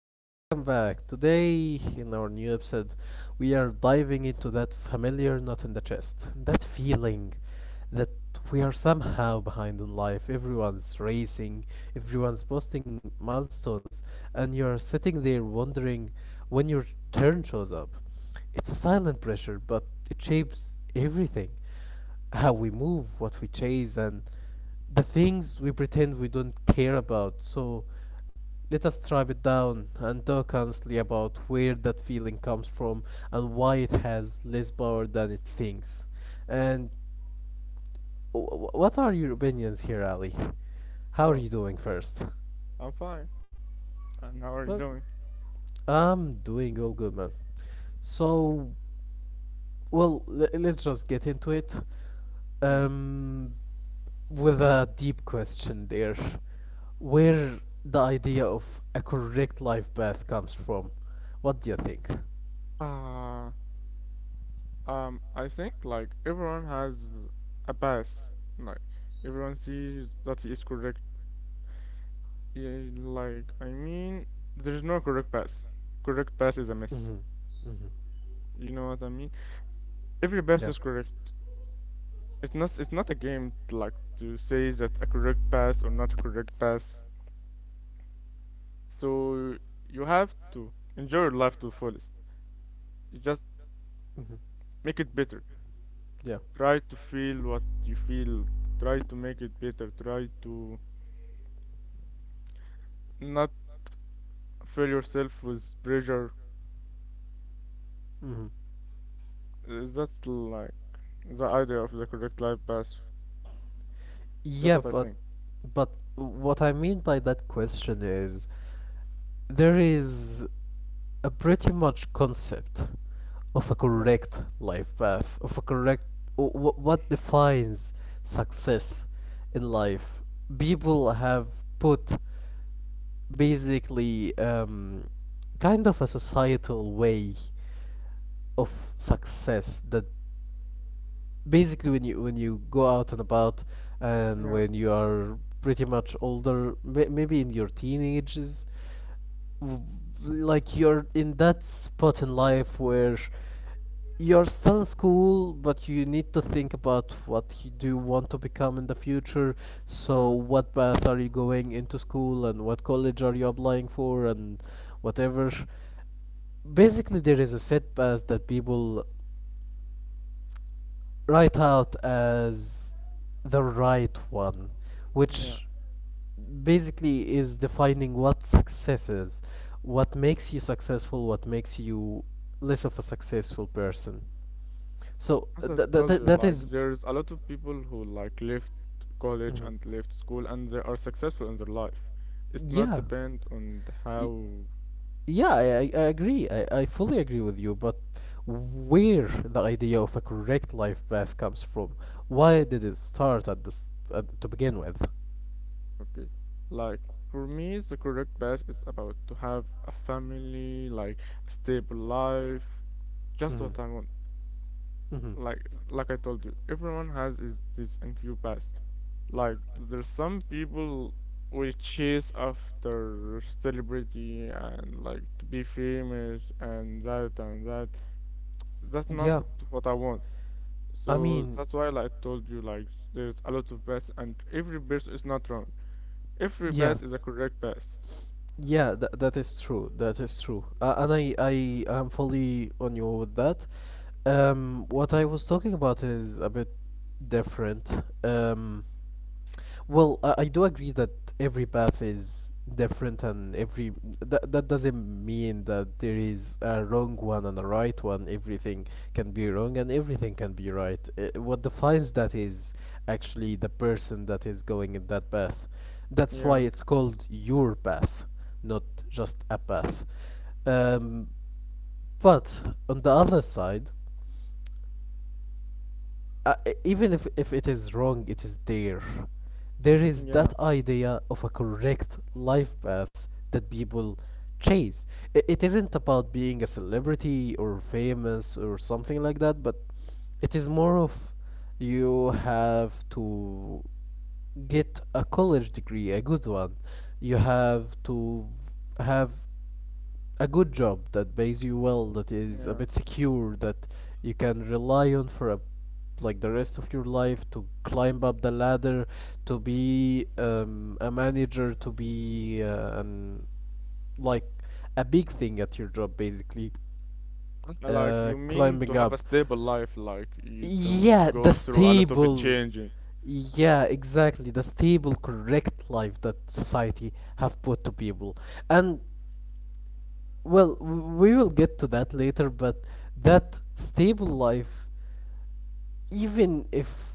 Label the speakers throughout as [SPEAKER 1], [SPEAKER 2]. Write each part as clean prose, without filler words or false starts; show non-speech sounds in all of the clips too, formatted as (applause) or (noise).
[SPEAKER 1] welcome back. Today, in our new episode, we are diving into that familiar knot in the chest, that feeling that we are somehow behind in life. Everyone's racing, everyone's posting milestones, and you're sitting there wondering when your turn shows up. It's a silent pressure, but it shapes everything, how we move, what we chase, and the things we pretend we don't care about. So, let us strip it down and talk honestly about where that feeling comes from and why it has less power than it thinks. And what are your opinions here, Ali? How are
[SPEAKER 2] Oh,
[SPEAKER 1] you doing first?
[SPEAKER 2] I'm fine. And how are you
[SPEAKER 1] Well,
[SPEAKER 2] doing?
[SPEAKER 1] I'm doing all good, man. So, well, let's just get into it.
[SPEAKER 2] Yeah.
[SPEAKER 1] Um, with a deep question there. Where the idea of a correct life path comes from? What do you think?
[SPEAKER 2] Uh, I think like everyone has a bias. Like everyone sees that he is correct. Yeah, I mean, there's no correct pass. Correct pass is a miss.
[SPEAKER 1] Mm-hmm. Mm-hmm.
[SPEAKER 2] You know what I mean? Every pass
[SPEAKER 1] Yeah.
[SPEAKER 2] is correct. It's not. It's not a game like to say that a correct pass or not a correct pass. So you have to enjoy your life to the fullest. You just
[SPEAKER 1] Mm-hmm.
[SPEAKER 2] make it better.
[SPEAKER 1] Yeah.
[SPEAKER 2] Try to feel what you feel. Try to make it better. Try to not fill yourself with pressure.
[SPEAKER 1] Mm-hmm.
[SPEAKER 2] That's like the idea of the correct life path. That's
[SPEAKER 1] Yeah,
[SPEAKER 2] what I
[SPEAKER 1] but
[SPEAKER 2] think.
[SPEAKER 1] but what I mean by that question is there is a pretty much concept of a
[SPEAKER 2] Yeah,
[SPEAKER 1] correct life path, of a correct what defines success in life. People have put basically kind of a societal way of success, that basically when you, when you go out and about, and
[SPEAKER 2] yeah,
[SPEAKER 1] when you are pretty much older, maybe in your teenagers, w- like you're in that spot in life where you're still in school, but you need to think about what you do want to become in the future. So
[SPEAKER 2] yeah,
[SPEAKER 1] what path are you going into school and what college are you applying for, and whatever. Basically, there is a set path that people write out as the right one,
[SPEAKER 2] yeah.
[SPEAKER 1] which basically is defining what success is, what makes you successful, what makes you less of a successful person. So
[SPEAKER 2] As I told you,
[SPEAKER 1] that
[SPEAKER 2] like
[SPEAKER 1] is-
[SPEAKER 2] there's a lot of people who like left college
[SPEAKER 1] Mhm.
[SPEAKER 2] and left school and they are successful in their life. It's not
[SPEAKER 1] Yeah.
[SPEAKER 2] depend on the
[SPEAKER 1] Y-
[SPEAKER 2] how.
[SPEAKER 1] Yeah, I agree. I fully agree with you, but where the idea of a correct life path comes from? Why did it start at this at, to begin with?
[SPEAKER 2] Okay. Like for me, the correct path is about to have a family, like a stable life, just
[SPEAKER 1] Mm-hmm.
[SPEAKER 2] what I want.
[SPEAKER 1] Mm-hmm.
[SPEAKER 2] Like like I told you, everyone has is this NQ path. Like there's some people will chase after celebrity and like to be famous and that and that. That's not
[SPEAKER 1] Yeah,
[SPEAKER 2] what I want.
[SPEAKER 1] I
[SPEAKER 2] So
[SPEAKER 1] mean,
[SPEAKER 2] that's why like I told you like there's a lot of paths and every path is not wrong. Every
[SPEAKER 1] yeah,
[SPEAKER 2] path is a correct path.
[SPEAKER 1] yeah, that is true. That is true. And I am fully on you with that. What I was talking about is a bit different. Um, Well, I do agree that every path is different, and every, that that doesn't mean that there is a wrong one and a right one. Everything can be wrong, and everything can be right. What defines that is actually the person that is going in that path. That's why
[SPEAKER 2] Yeah,
[SPEAKER 1] it's called your path, not just a path. Um, but on the other side, even if it is wrong, it is there. There is
[SPEAKER 2] yeah,
[SPEAKER 1] that idea of a correct life path that people chase. It isn't about being a celebrity or famous or something like that, but it is more of, you have to get a college degree, a good one. You have to have a good job that pays you well, that is a
[SPEAKER 2] yeah. (clears throat)
[SPEAKER 1] bit secure, that you can rely on for a, like the rest of your life, to climb up the ladder, to be a manager, to be an, like a big thing at your job basically.
[SPEAKER 2] Like you mean to
[SPEAKER 1] Climbing
[SPEAKER 2] have a
[SPEAKER 1] up,
[SPEAKER 2] stable life, like you don't
[SPEAKER 1] yeah, the
[SPEAKER 2] go through a lot of
[SPEAKER 1] stable,
[SPEAKER 2] changes.
[SPEAKER 1] yeah, exactly, the stable correct life that society have put to people. And well, we will get to that later, but that stable life, even if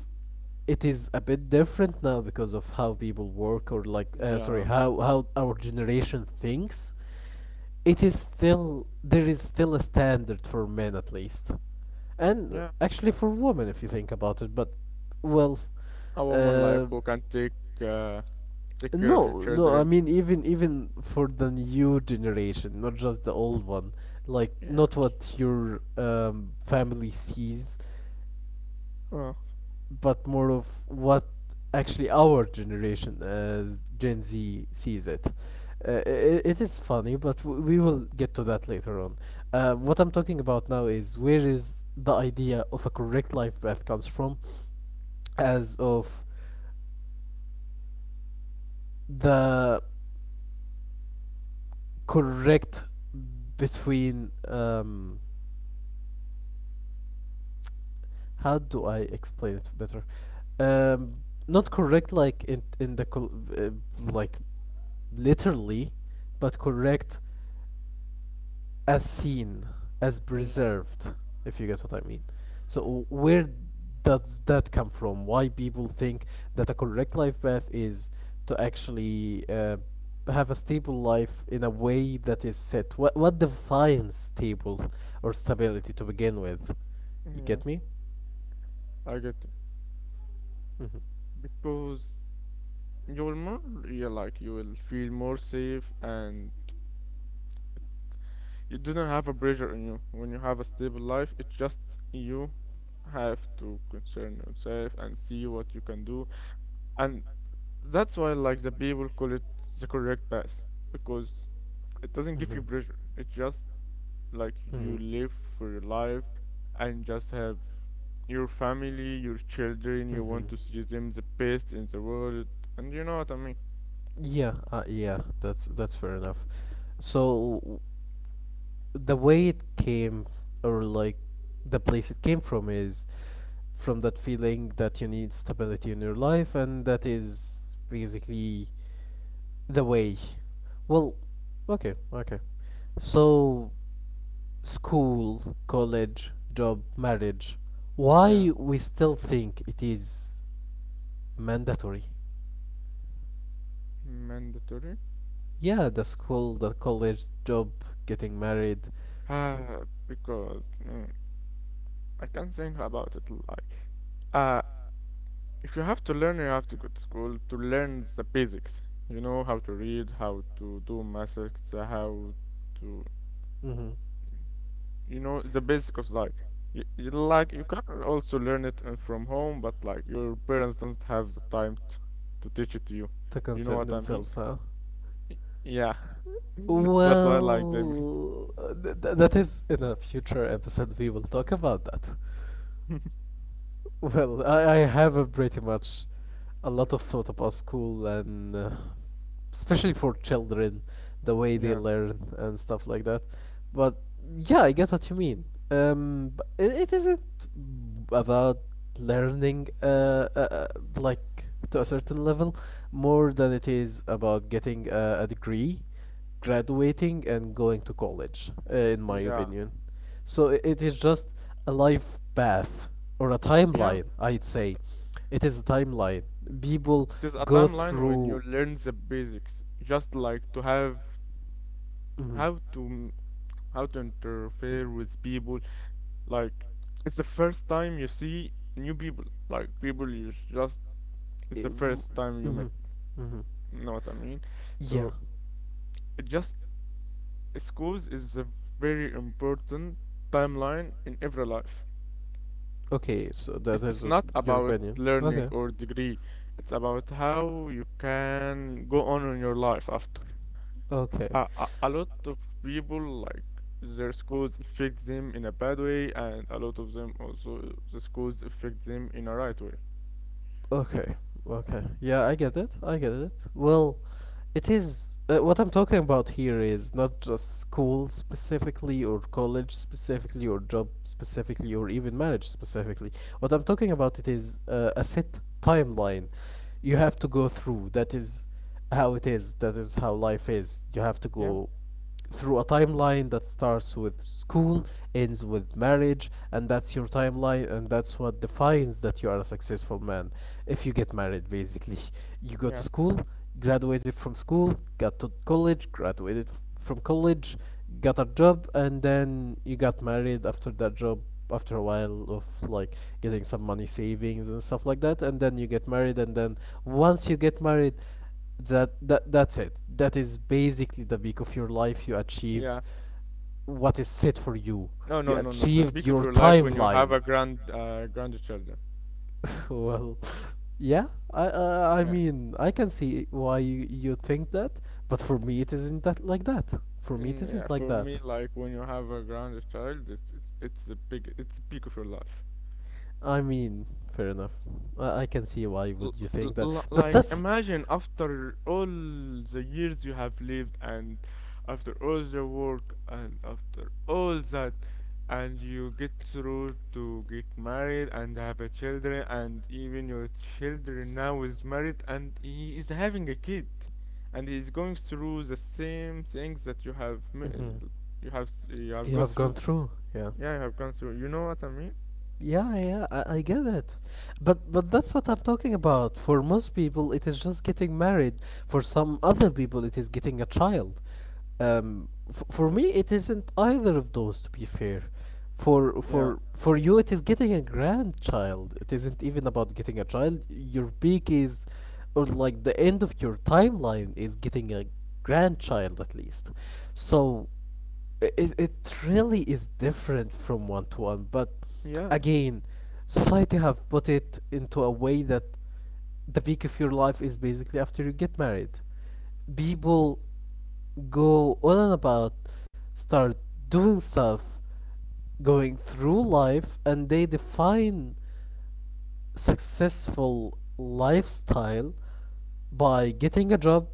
[SPEAKER 1] it is a bit different now because of how people work, or like sorry,
[SPEAKER 2] Yeah,
[SPEAKER 1] how our generation thinks, it is still, there is still a standard for men at least, and
[SPEAKER 2] yeah.
[SPEAKER 1] actually for women if you think about it, but well,
[SPEAKER 2] A woman like
[SPEAKER 1] uh,
[SPEAKER 2] who can take uh take care of your
[SPEAKER 1] no, no, I
[SPEAKER 2] children.
[SPEAKER 1] mean, even for the new generation, not just the old one. Like,
[SPEAKER 2] Yeah.
[SPEAKER 1] not what your family sees,
[SPEAKER 2] Oh,
[SPEAKER 1] but more of what actually our generation as Gen Z sees it. It, it is funny, but we will get to that later on. What I'm talking about now is where is the idea of a correct life path comes from, as of the correct between, how do I explain it better? Um, Not correct like in the uh, like literally, but correct as seen, as
[SPEAKER 2] yeah,
[SPEAKER 1] preserved. If you get what I mean. So where does that come from? Why people think that a correct life path is to actually have a stable life in a way that is set? What defines stable or stability to begin with? You
[SPEAKER 2] yeah.
[SPEAKER 1] get me?
[SPEAKER 2] I get it.
[SPEAKER 1] Hmm.
[SPEAKER 2] Because you will more, yeah, like you will feel more safe and you do not have a pressure on you. When you have a stable life, it's just you have to concern yourself and see what you can do. And that's why, like, the people call it the correct path because it doesn't give
[SPEAKER 1] Mhm.
[SPEAKER 2] you pressure. It's just like you
[SPEAKER 1] Mhm.
[SPEAKER 2] live for your life and just have your family, your children. You
[SPEAKER 1] Mhm.
[SPEAKER 2] want to see them the best in the world, and you know what I mean.
[SPEAKER 1] Yeah, yeah, that's fair enough. So the way it came, or like the place it came from, is from that feeling that you need stability in your life, and that is basically the way. Well, okay, okay. So, school, college, job, marriage.
[SPEAKER 2] Yeah,
[SPEAKER 1] Why we still think it is mandatory?
[SPEAKER 2] mandatory.
[SPEAKER 1] Yeah, the school, the college, job, getting married.
[SPEAKER 2] Uh, because I can't think about it like. Uh, if you have to learn, you have to go to school to learn the basics. You know how to read, how to do maths, how to.
[SPEAKER 1] Mm-hmm.
[SPEAKER 2] You know the basic of like you like you can also learn it from home but like your parents don't have the time to teach it to you.
[SPEAKER 1] To
[SPEAKER 2] You know what
[SPEAKER 1] concern
[SPEAKER 2] I mean?
[SPEAKER 1] themselves, huh?
[SPEAKER 2] Y- yeah. (laughs) That's why like they make-
[SPEAKER 1] Well, that is in a future episode we will talk about that.
[SPEAKER 2] (laughs)
[SPEAKER 1] Well, I have a pretty much a lot of thought about school and especially for children, the way
[SPEAKER 2] yeah
[SPEAKER 1] they learn and stuff like that. But yeah, I get what you mean. But it isn't about learning like to a certain level, more than it is about getting a degree, graduating, and going to college. In my
[SPEAKER 2] yeah
[SPEAKER 1] opinion, so it is just a life path or a
[SPEAKER 2] yeah.
[SPEAKER 1] timeline. I'd say it is a timeline. People
[SPEAKER 2] There's a
[SPEAKER 1] go
[SPEAKER 2] timeline when you
[SPEAKER 1] through.
[SPEAKER 2] learn the basics just like to have
[SPEAKER 1] Mhm.
[SPEAKER 2] how how to interfere with people. Like it's the first time you see new people, like people you just, it's the first time you
[SPEAKER 1] Mm-hmm.
[SPEAKER 2] met.
[SPEAKER 1] Mm-hmm.
[SPEAKER 2] Know what I mean?
[SPEAKER 1] Yeah.
[SPEAKER 2] So it just schools is a very important timeline in every life.
[SPEAKER 1] Okay, so that is
[SPEAKER 2] It's not
[SPEAKER 1] your
[SPEAKER 2] about
[SPEAKER 1] opinion.
[SPEAKER 2] learning
[SPEAKER 1] Okay.
[SPEAKER 2] or degree. It's about how you can go on in your life after.
[SPEAKER 1] Okay.
[SPEAKER 2] A lot of people like their schools affect them in a bad way, and a lot of them also the schools affect them in a right way.
[SPEAKER 1] Okay. Okay. Yeah, I get it. I get it. Well, it is what I'm talking about here is not just school specifically, or college specifically, or job specifically, or even marriage specifically. What I'm talking about it is a set timeline you have to go through. That is how it is. That is how life is. You have to
[SPEAKER 2] Yeah,
[SPEAKER 1] go through a timeline that starts with school, ends with marriage, and that's your timeline, and that's what defines that you are a successful man. If you get married, basically, you go to
[SPEAKER 2] yeah,
[SPEAKER 1] school, graduated from school, got to college, graduated from college, got a job, and then you got married after that job. After a while of like getting some money savings and stuff like that, and then you get married, and then once you get married, that's it, that is basically the peak of your life. You achieved
[SPEAKER 2] yeah.
[SPEAKER 1] what is set for you.
[SPEAKER 2] No,
[SPEAKER 1] You
[SPEAKER 2] no, no, no. The
[SPEAKER 1] achieved
[SPEAKER 2] peak of
[SPEAKER 1] your
[SPEAKER 2] your life when you have
[SPEAKER 1] timeline.
[SPEAKER 2] a grand, grandchildren.
[SPEAKER 1] (laughs) Well, (laughs) yeah, I
[SPEAKER 2] Yeah,
[SPEAKER 1] mean I can see why you think that, but for me it isn't that like that. For me it
[SPEAKER 2] and yeah,
[SPEAKER 1] isn't like
[SPEAKER 2] for
[SPEAKER 1] that.
[SPEAKER 2] me, like when you have a grounded child, it's the big, it's the peak of your life.
[SPEAKER 1] I mean, fair enough. I can see why
[SPEAKER 2] L-
[SPEAKER 1] would you think that, but
[SPEAKER 2] like
[SPEAKER 1] that's.
[SPEAKER 2] imagine after all the years you have lived, and after all the work, and after all that, and you get through to get married and have a children, and even your children now is married, and he is having a kid, and he is going through the same things that you have
[SPEAKER 1] Mhm.
[SPEAKER 2] you have you have
[SPEAKER 1] You
[SPEAKER 2] go
[SPEAKER 1] have gone
[SPEAKER 2] through.
[SPEAKER 1] through, yeah.
[SPEAKER 2] Yeah, I have gone through. You know what I mean?
[SPEAKER 1] Yeah, yeah, I get it. But that's what I'm talking about. For most people, it is just getting married. For some other people, it is getting a child. For me, it isn't either of those. To be fair,
[SPEAKER 2] Yeah,
[SPEAKER 1] for you, it is getting a grandchild. It isn't even about getting a child. Your peak is, or like the end of your timeline is getting a grandchild at least. So it really is different from one to one. But
[SPEAKER 2] yeah,
[SPEAKER 1] again, society have put it into a way that the peak of your life is basically after you get married. People go on and about, start doing stuff, going through life, and they define successful lifestyle by getting a job,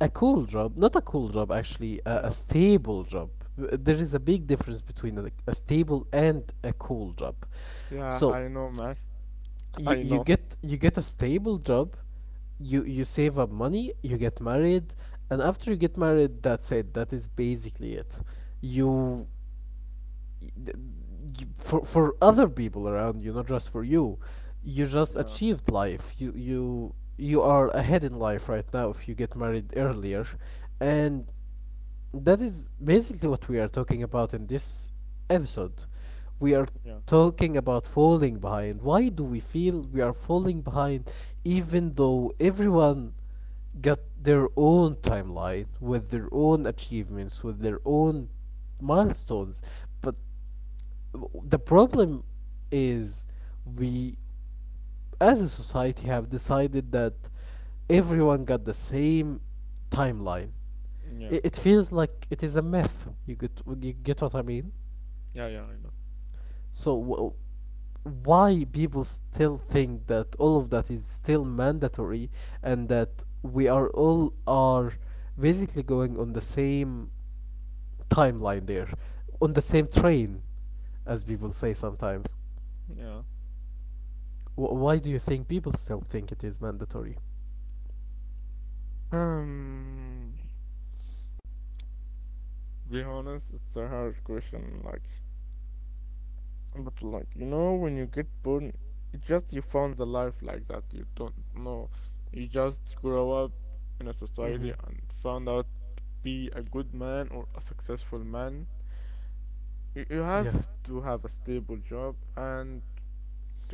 [SPEAKER 1] a cool job, not a cool job actually, a
[SPEAKER 2] yeah,
[SPEAKER 1] stable job. There is a big difference between a stable and a cool job.
[SPEAKER 2] yeah.
[SPEAKER 1] So
[SPEAKER 2] I know, man. (laughs) I
[SPEAKER 1] you
[SPEAKER 2] know.
[SPEAKER 1] get, you get a stable job, you save up money, you get married, and after you get married, that's it. That is basically it. You, y- you, for other people around you, not just for you, you just
[SPEAKER 2] Yeah,
[SPEAKER 1] achieved life. You are ahead in life right now if you get married earlier. And that is basically what we are talking about in this episode. We are
[SPEAKER 2] yeah,
[SPEAKER 1] talking about falling behind. Why do we feel we are falling behind, even though everyone got their own timeline, with their own achievements, with their own milestones? But the problem is, we as a society have decided that everyone got the same timeline. it,
[SPEAKER 2] yeah,
[SPEAKER 1] it feels like it is a myth. You get, you get what I mean?
[SPEAKER 2] yeah. I know.
[SPEAKER 1] So why people still think that all of that is still mandatory, and that we are all are basically going on the same timeline there, on the same train, as people say sometimes.
[SPEAKER 2] Yeah.
[SPEAKER 1] Why do you think people still think it is mandatory?
[SPEAKER 2] Um, be honest, it's a hard question. Like, but like, you know, when you get born, it just you found the life like that. You don't know. You just grow up in a
[SPEAKER 1] Mm-hmm.
[SPEAKER 2] society and found out to be a good man or a successful man. You
[SPEAKER 1] Yeah.
[SPEAKER 2] have to have a stable job and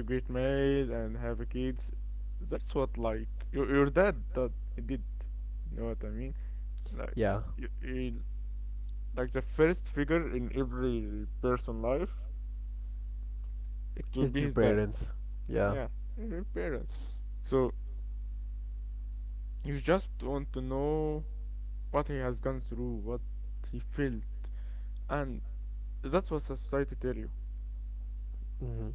[SPEAKER 2] to get married and have kids. That's what like your dad that he did. You know what I mean? Like
[SPEAKER 1] Yeah.
[SPEAKER 2] you like the first figure in every person life, it
[SPEAKER 1] It's
[SPEAKER 2] will
[SPEAKER 1] their
[SPEAKER 2] be his dad.
[SPEAKER 1] parents. Yeah.
[SPEAKER 2] Yeah, your parents. So you just want to know what he has gone through, what he felt, and that's what society tell you.
[SPEAKER 1] Mm-hmm.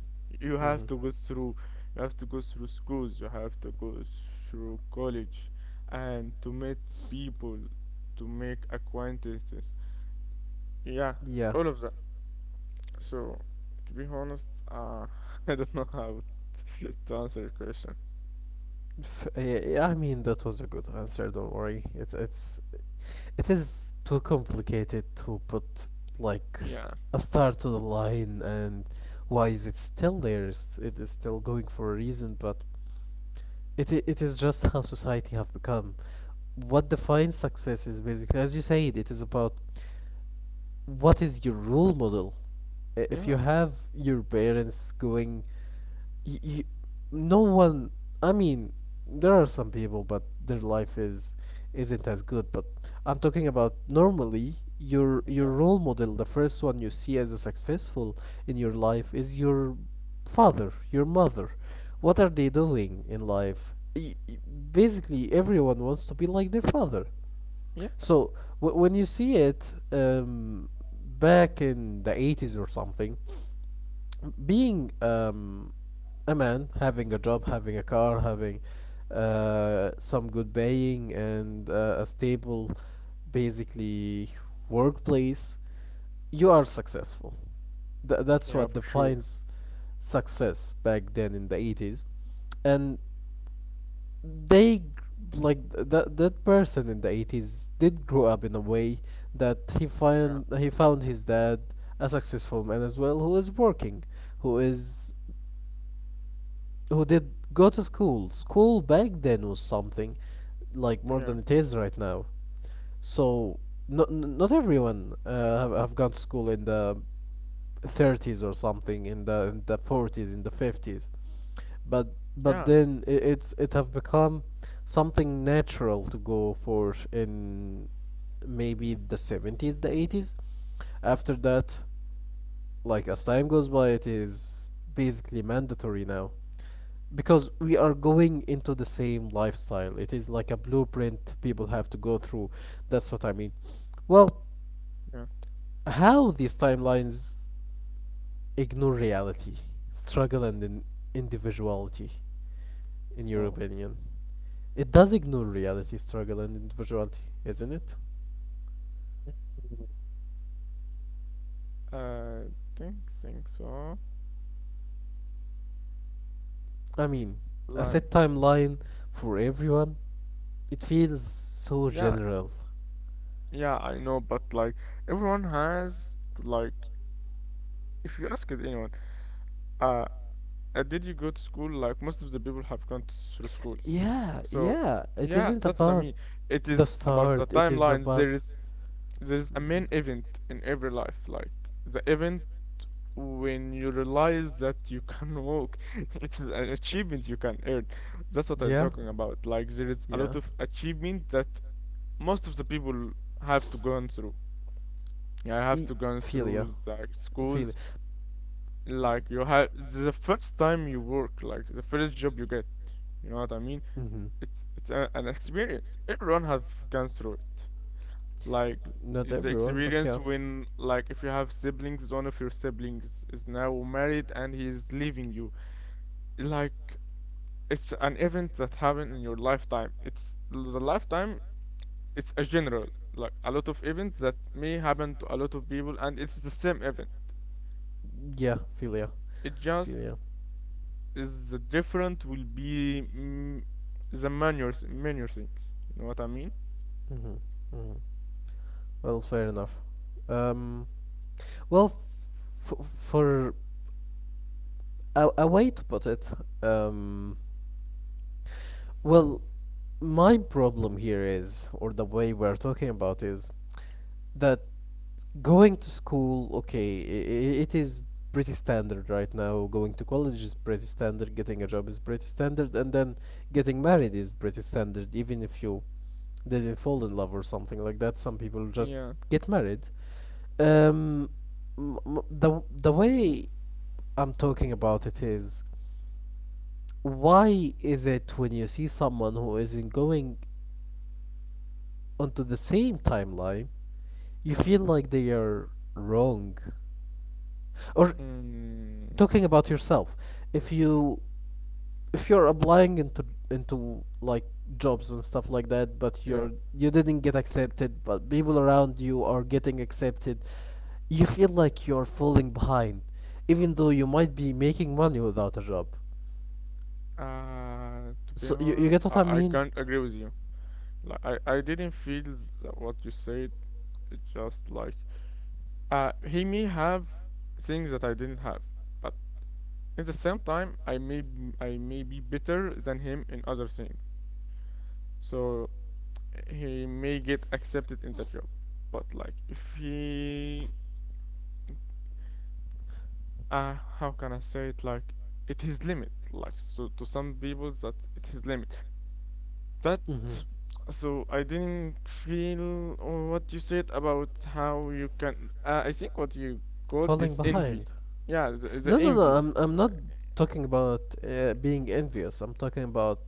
[SPEAKER 2] You
[SPEAKER 1] Mm-hmm.
[SPEAKER 2] have to go through, you have to go through schools, you have to go through college, and to meet people, to make acquaintances. Yeah,
[SPEAKER 1] Yeah.
[SPEAKER 2] all of that. So, to be honest, uh, (laughs) I don't know how to (laughs) to answer your question.
[SPEAKER 1] Yeah, I mean that was a good answer. Don't worry. It is too complicated to put, like,
[SPEAKER 2] Yeah,
[SPEAKER 1] a star to the line, and why is it still there? It is still going for a reason, but it is just how society have become. What defines success is basically, as you said, it is about what is your role model. If you
[SPEAKER 2] yeah,
[SPEAKER 1] have your parents going y- y- no one, I mean, there are some people but their life is isn't as good, but I'm talking about normally your
[SPEAKER 2] yeah,
[SPEAKER 1] role model, the first one you see as a successful in your life is your father, your mother. What are they doing in life? Basically everyone wants to be like their father.
[SPEAKER 2] yeah,
[SPEAKER 1] So when you see it, back in the 80s or something, being a man, having a job, having a car, having some good paying and a stable, basically, workplace, you are successful. That's what
[SPEAKER 2] yeah, for sure.
[SPEAKER 1] defines success back then in the 80s. And they like that person in the 80s did grow up in a way that
[SPEAKER 2] Yeah,
[SPEAKER 1] he found his dad a successful man as well, who is working, who is who did go to school. School back then was something like more than
[SPEAKER 2] yeah,
[SPEAKER 1] it is right now. So not everyone have gone to school in the 30s or something, in the 40s, in the 50s, but
[SPEAKER 2] yeah,
[SPEAKER 1] then it have become something natural to go for in maybe the 70s, the 80s, after that, like, as time goes by it is basically mandatory now, because we are going into the same lifestyle. It is like a blueprint people have to go through. That's what I mean. Well,
[SPEAKER 2] yeah.
[SPEAKER 1] how these timelines ignore reality, struggle, and in individuality, in your
[SPEAKER 2] Well,
[SPEAKER 1] opinion? It does ignore reality, struggle, and individuality, isn't it?
[SPEAKER 2] (laughs) I think so.
[SPEAKER 1] I mean, a
[SPEAKER 2] Like,
[SPEAKER 1] set timeline for everyone, it feels so
[SPEAKER 2] yeah,
[SPEAKER 1] general.
[SPEAKER 2] yeah, I know, but like everyone has like if you ask it anyone, uh, did you go to school? Like most of the people have gone to, through school.
[SPEAKER 1] Yeah,
[SPEAKER 2] So
[SPEAKER 1] yeah, it
[SPEAKER 2] yeah,
[SPEAKER 1] isn't
[SPEAKER 2] that's what I
[SPEAKER 1] about
[SPEAKER 2] mean. It
[SPEAKER 1] the
[SPEAKER 2] is about the
[SPEAKER 1] start, it is
[SPEAKER 2] timelines.
[SPEAKER 1] about.
[SPEAKER 2] There is a
[SPEAKER 1] Mhm.
[SPEAKER 2] main event in every life, like the event when you realize that you can walk. (laughs) It's an achievement you can earn. That's what I'm
[SPEAKER 1] Yeah,
[SPEAKER 2] talking about. Like there is a
[SPEAKER 1] yeah.
[SPEAKER 2] lot of achievement that most of the people have to go on through. Yeah, I have
[SPEAKER 1] E-
[SPEAKER 2] to go
[SPEAKER 1] Philia.
[SPEAKER 2] through the
[SPEAKER 1] Philia.
[SPEAKER 2] schools like you have the first time you work, like the first job you get. You know what I mean?
[SPEAKER 1] Hmm.
[SPEAKER 2] It's a, an experience everyone have gone through it. Like
[SPEAKER 1] Not
[SPEAKER 2] is the
[SPEAKER 1] everyone, but
[SPEAKER 2] experience
[SPEAKER 1] yeah.
[SPEAKER 2] when like if you have siblings, one of your siblings is now married and he's leaving you. Like it's an event that happened in your lifetime. It's the lifetime. It's a general, like a lot of events that may happen to a lot of people and it's the same event.
[SPEAKER 1] Yeah, philia.
[SPEAKER 2] It
[SPEAKER 1] It's
[SPEAKER 2] just
[SPEAKER 1] Philia.
[SPEAKER 2] is the different will be the minor things. You know what I mean?
[SPEAKER 1] Hmm. Hmm. Well, fair enough. Um, well, for a way to put it, um, well, my problem here is, or the way we're talking about is that going to school, okay, it is pretty standard right now. Going to college is pretty standard. Getting a job is pretty standard, and then getting married is pretty standard. Even if you didn't fall in love or something like that, some people just
[SPEAKER 2] Yeah,
[SPEAKER 1] get married. Um, the way I'm talking about it is, why is it when you see someone who isn't going onto the same timeline, you
[SPEAKER 2] yeah,
[SPEAKER 1] feel like they are wrong? Or,
[SPEAKER 2] mm,
[SPEAKER 1] talking about yourself, if you if you're applying into, like, jobs and stuff like that, but
[SPEAKER 2] yeah.
[SPEAKER 1] you didn't get accepted but people around you are getting accepted, you feel like you're falling behind even though you might be making money without a job.
[SPEAKER 2] To be
[SPEAKER 1] So you
[SPEAKER 2] honest,
[SPEAKER 1] get what I
[SPEAKER 2] I
[SPEAKER 1] mean?
[SPEAKER 2] can't agree with you. Like I didn't feel that what you said. It's just like he may have things that I didn't have, but at the same time, I may I may be better than him in other things. So he may get accepted in the job. But like if he how can I say it, like it is limit like so to some people that it is limit that.
[SPEAKER 1] Mm-hmm.
[SPEAKER 2] So I didn't feel or what you said about how you can I think what you called
[SPEAKER 1] Falling
[SPEAKER 2] is envy.
[SPEAKER 1] behind.
[SPEAKER 2] Yeah, the
[SPEAKER 1] No, no, no.
[SPEAKER 2] envy.
[SPEAKER 1] I'm not talking about being envious. I'm talking about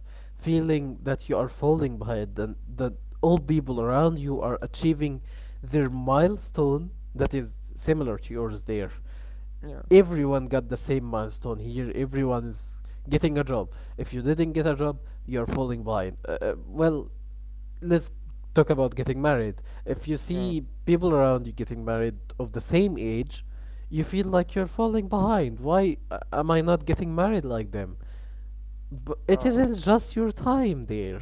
[SPEAKER 1] feeling that you are falling behind and that all people around you are achieving their milestone that is similar to yours. There
[SPEAKER 2] yeah
[SPEAKER 1] everyone got the same milestone. Here everyone is getting a job. If you didn't get a job you're falling behind. Well, let's talk about getting married. If you
[SPEAKER 2] yeah
[SPEAKER 1] see people around you getting married of the same age, you feel like you're falling behind. Why am I not getting married like them? But it
[SPEAKER 2] Oh,
[SPEAKER 1] isn't just your time there.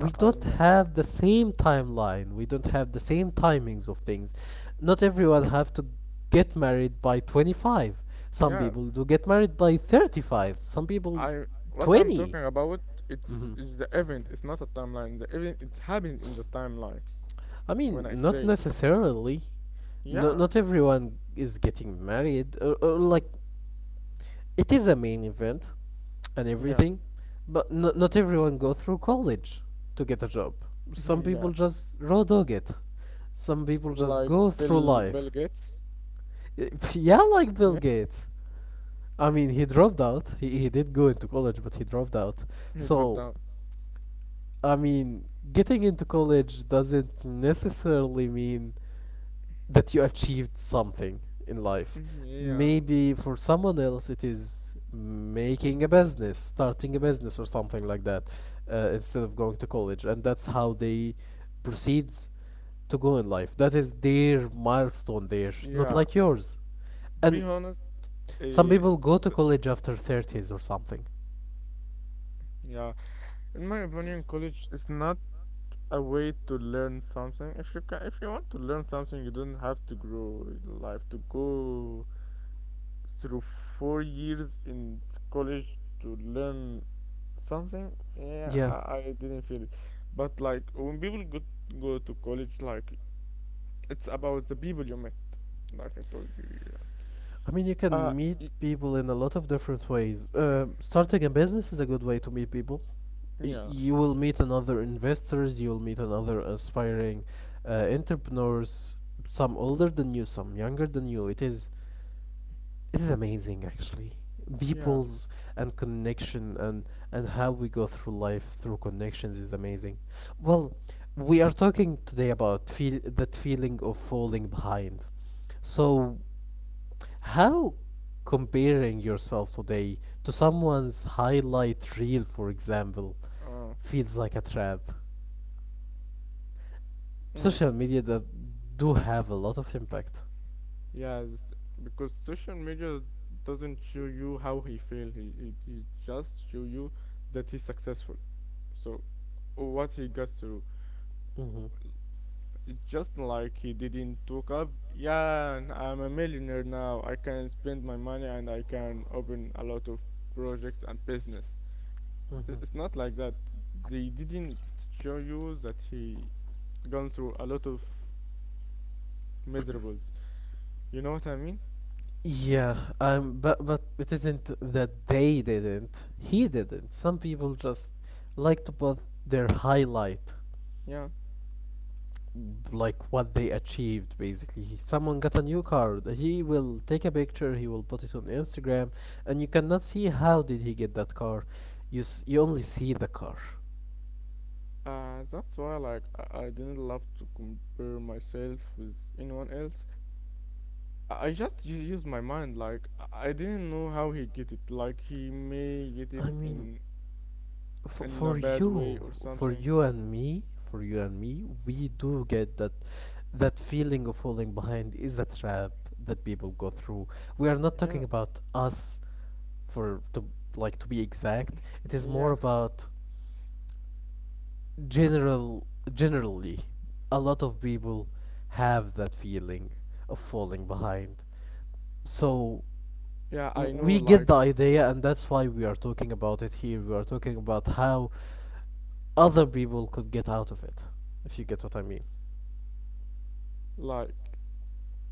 [SPEAKER 2] I, I
[SPEAKER 1] don't
[SPEAKER 2] know.
[SPEAKER 1] have the same timeline. We don't have the same timings of things. Not everyone have to get married by 25. Some
[SPEAKER 2] Yeah,
[SPEAKER 1] people do get married by 35. Some people
[SPEAKER 2] I what I'm
[SPEAKER 1] 20.
[SPEAKER 2] talking about, it's
[SPEAKER 1] Mhm.
[SPEAKER 2] is the event, it's not a timeline. The event it happened in the timeline
[SPEAKER 1] I mean,
[SPEAKER 2] when I
[SPEAKER 1] not
[SPEAKER 2] say
[SPEAKER 1] necessarily. No,
[SPEAKER 2] yeah,
[SPEAKER 1] not everyone is getting married. Or, like, it is a main event and
[SPEAKER 2] yeah,
[SPEAKER 1] everything, but not everyone go through college to get a job. Some
[SPEAKER 2] (laughs) yeah.
[SPEAKER 1] people just raw dog it. Some people just
[SPEAKER 2] Like
[SPEAKER 1] go through
[SPEAKER 2] Bill
[SPEAKER 1] life.
[SPEAKER 2] Bill Gates.
[SPEAKER 1] (laughs) Yeah, like Bill
[SPEAKER 2] Yeah.
[SPEAKER 1] Gates. I mean, he dropped out. He did go into college, but he dropped out.
[SPEAKER 2] He dropped
[SPEAKER 1] So,
[SPEAKER 2] down.
[SPEAKER 1] I mean, getting into college doesn't necessarily mean that you achieved something in life.
[SPEAKER 2] Mhm, Yeah.
[SPEAKER 1] Maybe for someone else, it is making a business, starting a business, or something like that, instead of going to college, and that's how they proceeds to go in life. That is their milestone there, not
[SPEAKER 2] Yeah.
[SPEAKER 1] like yours. And
[SPEAKER 2] Be honest,
[SPEAKER 1] some people go to
[SPEAKER 2] it's
[SPEAKER 1] college after
[SPEAKER 2] okay, okay.
[SPEAKER 1] thirties or something.
[SPEAKER 2] Yeah. In my opinion, college is not a way to learn something. If you can, if you want to learn something, you don't have to grow in life to go through 4 years in college to learn something. Yeah,
[SPEAKER 1] Yeah.
[SPEAKER 2] I didn't feel it, but like when people go to college, like it's about the people you met, like I told you like,
[SPEAKER 1] I mean, you
[SPEAKER 2] uh
[SPEAKER 1] can meet
[SPEAKER 2] y-
[SPEAKER 1] people in a lot of different ways. Starting a business is a good way to meet people.
[SPEAKER 2] yeah.
[SPEAKER 1] You will meet another investors, you'll meet another aspiring entrepreneurs, some older than you, some younger than you. It is amazing, actually,
[SPEAKER 2] yeah
[SPEAKER 1] people's and connection, and how we go through life through connections is amazing. Well, we are talking today about feel that feeling of falling behind. So how comparing yourself today to someone's highlight reel, for example,
[SPEAKER 2] uh
[SPEAKER 1] feels like a trap.
[SPEAKER 2] mm,
[SPEAKER 1] Social media, that do have a lot of impact.
[SPEAKER 2] yes, because social media doesn't show you how he failed. He just show you that he's successful. So what he got through.
[SPEAKER 1] Mm-hmm.
[SPEAKER 2] Just like he didn't talk up. Yeah, and I'm a millionaire now. I can spend my money and I can open a lot of projects and business.
[SPEAKER 1] Mm-hmm.
[SPEAKER 2] It's not like that. They didn't show you that he gone through a lot of miserables. You know what I mean?
[SPEAKER 1] Yeah, but it isn't that they didn't. He didn't. Some people just like to put their highlight,
[SPEAKER 2] Yeah.
[SPEAKER 1] like what they achieved. Basically, someone got a new car. He will take a picture. He will put it on Instagram, and you cannot see how did he get that car. You only see the car.
[SPEAKER 2] That's why like I didn't love to compare myself with anyone else. I just use my mind. Like I didn't know how he get it. Like he may get
[SPEAKER 1] I
[SPEAKER 2] it
[SPEAKER 1] mean,
[SPEAKER 2] in a
[SPEAKER 1] for
[SPEAKER 2] bad way
[SPEAKER 1] you,
[SPEAKER 2] or
[SPEAKER 1] for
[SPEAKER 2] something.
[SPEAKER 1] you and me for you and me, we do get that. That feeling of falling behind is a trap that people go through. We are not
[SPEAKER 2] Yeah,
[SPEAKER 1] talking about us. For to Like, to be exact, it is more
[SPEAKER 2] yeah,
[SPEAKER 1] about general generally a lot of people have that feeling of falling behind. So
[SPEAKER 2] yeah. I know.
[SPEAKER 1] we get the idea, and that's why we are talking about it. Here we are talking about how other people could get out of it, if you get what I mean.
[SPEAKER 2] Like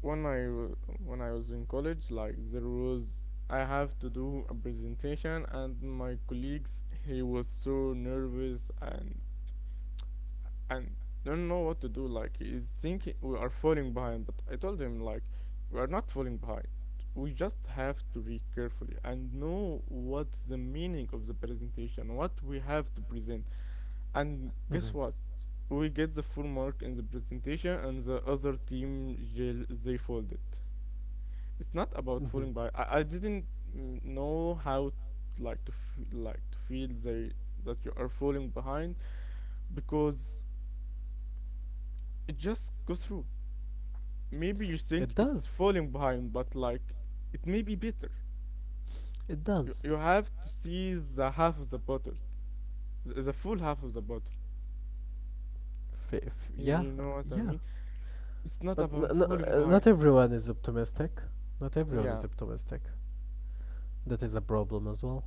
[SPEAKER 2] when when I was in college, like there was I have to do a presentation, and my colleagues he was so nervous and don't know what to do. Like he's thinking we are falling behind, but I told him like we are not falling behind. We just have to read carefully and know what's the meaning of the presentation, what we have to present. And
[SPEAKER 1] Hmm.
[SPEAKER 2] guess what? We get the full mark in the presentation, and the other team they folded. It's not about
[SPEAKER 1] Hmm.
[SPEAKER 2] falling by. I didn't know how like to like to feel they that you are falling behind, because it just goes through. Maybe you
[SPEAKER 1] It
[SPEAKER 2] think it's
[SPEAKER 1] does.
[SPEAKER 2] falling behind, but like it may be better.
[SPEAKER 1] It
[SPEAKER 2] You
[SPEAKER 1] does.
[SPEAKER 2] you have to see the half of the bottle, the full half of the bottle. You,
[SPEAKER 1] Yeah,
[SPEAKER 2] you know what I
[SPEAKER 1] yeah.
[SPEAKER 2] mean? It's not
[SPEAKER 1] But
[SPEAKER 2] about falling behind.
[SPEAKER 1] not everyone is optimistic. Not everyone is
[SPEAKER 2] Yeah.
[SPEAKER 1] optimistic. That is a problem as well.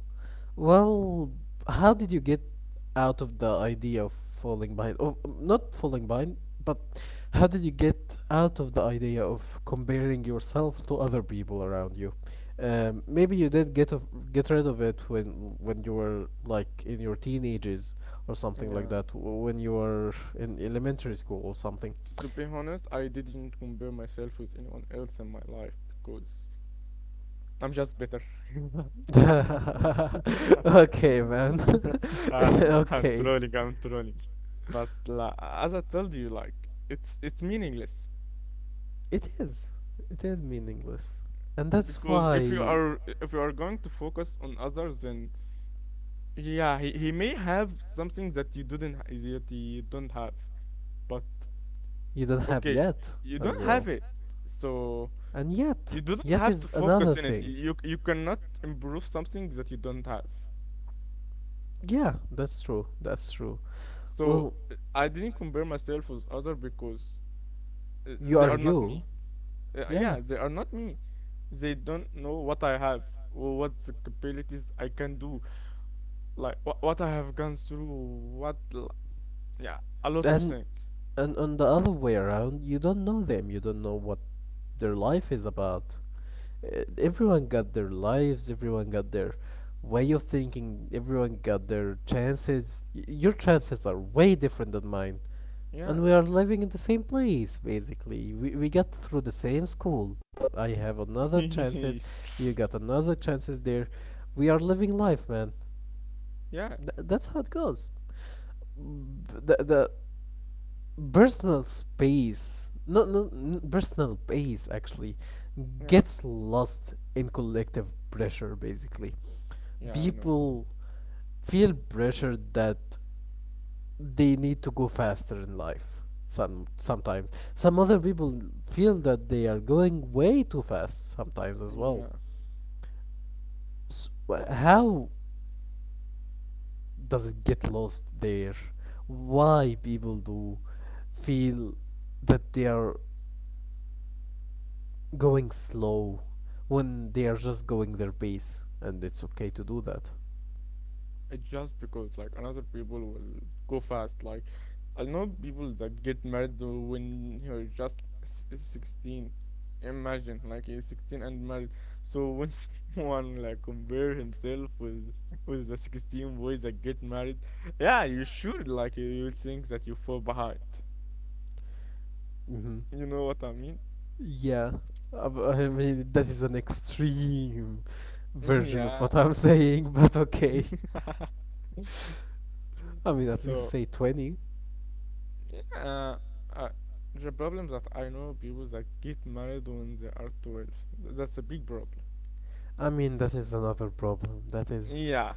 [SPEAKER 1] Well, how did you get out of the idea of falling behind? Of not falling behind, but how did you get out of the idea of comparing yourself to other people around you? Maybe you did get rid of it when you were, like, in your teenagers or something like
[SPEAKER 2] Yeah,
[SPEAKER 1] that, when you were in elementary school or something.
[SPEAKER 2] to be honest, I didn't compare myself with anyone else in my life because I'm just better.
[SPEAKER 1] (laughs) Okay, man.
[SPEAKER 2] (laughs)
[SPEAKER 1] (laughs)
[SPEAKER 2] uh, I'm
[SPEAKER 1] Okay.
[SPEAKER 2] trolling, I'm trolling. But like, as I told you, like it's meaningless.
[SPEAKER 1] It is. It is meaningless. And that's
[SPEAKER 2] Because
[SPEAKER 1] why
[SPEAKER 2] if you are going to focus on others, then yeah, he may have something that you didn't ha- that you don't have, but
[SPEAKER 1] you don't have
[SPEAKER 2] okay,
[SPEAKER 1] yet
[SPEAKER 2] you
[SPEAKER 1] as
[SPEAKER 2] don't
[SPEAKER 1] well.
[SPEAKER 2] have it, so
[SPEAKER 1] And yet,
[SPEAKER 2] you do not
[SPEAKER 1] yet
[SPEAKER 2] have to
[SPEAKER 1] is another
[SPEAKER 2] focus in it.
[SPEAKER 1] thing.
[SPEAKER 2] You cannot improve something that you don't have.
[SPEAKER 1] Yeah, that's true. That's true.
[SPEAKER 2] So
[SPEAKER 1] Well,
[SPEAKER 2] I didn't compare myself with other, because
[SPEAKER 1] you
[SPEAKER 2] they
[SPEAKER 1] are
[SPEAKER 2] are not
[SPEAKER 1] you.
[SPEAKER 2] me.
[SPEAKER 1] Yeah.
[SPEAKER 2] Yeah, they are not me. They don't know what I have or what the capabilities I can do, like what I have gone through, what l- yeah, a lot of
[SPEAKER 1] And
[SPEAKER 2] things.
[SPEAKER 1] and on the other way around, you don't know them. You don't know what their life is about. Eh, everyone got their lives, everyone got their way of thinking, everyone got their chances. Your chances are way different than mine. And
[SPEAKER 2] Yeah.
[SPEAKER 1] we are living in the same place, basically. We got through the same school, but I have another
[SPEAKER 2] (laughs)
[SPEAKER 1] chances,
[SPEAKER 2] yeah.
[SPEAKER 1] you got another chances there. We are living life, man.
[SPEAKER 2] Yeah.
[SPEAKER 1] That's how it goes. The personal space, no, no, personal space actually
[SPEAKER 2] Yeah.
[SPEAKER 1] gets lost in collective pressure, basically.
[SPEAKER 2] Yeah. You know.
[SPEAKER 1] People feel pressure that they need to go faster in life. Sometimes some other people feel that they are going way too fast sometimes as well.
[SPEAKER 2] Yeah.
[SPEAKER 1] How does it get lost there? Why people do feel that they are going slow when they are just going their pace and it's okay to do that?
[SPEAKER 2] It's just because like another people will go fast. Like I know people that get married though when you're just 16. Imagine like he's 16 and married. So (laughs) when someone like compare himself with the 16 boys that get married, yeah, you should like you will think that you fall behind.
[SPEAKER 1] Hmm.
[SPEAKER 2] You know what I mean?
[SPEAKER 1] Yeah. I mean that is an extreme
[SPEAKER 2] (laughs)
[SPEAKER 1] version of
[SPEAKER 2] Yeah.
[SPEAKER 1] what I'm saying, (laughs) but okay.
[SPEAKER 2] (laughs)
[SPEAKER 1] I mean, at least
[SPEAKER 2] So
[SPEAKER 1] say 20.
[SPEAKER 2] yeah, uh, the problem that I know people that get married when they are 12. That's a big problem.
[SPEAKER 1] I mean, that is another problem. That is
[SPEAKER 2] Yeah.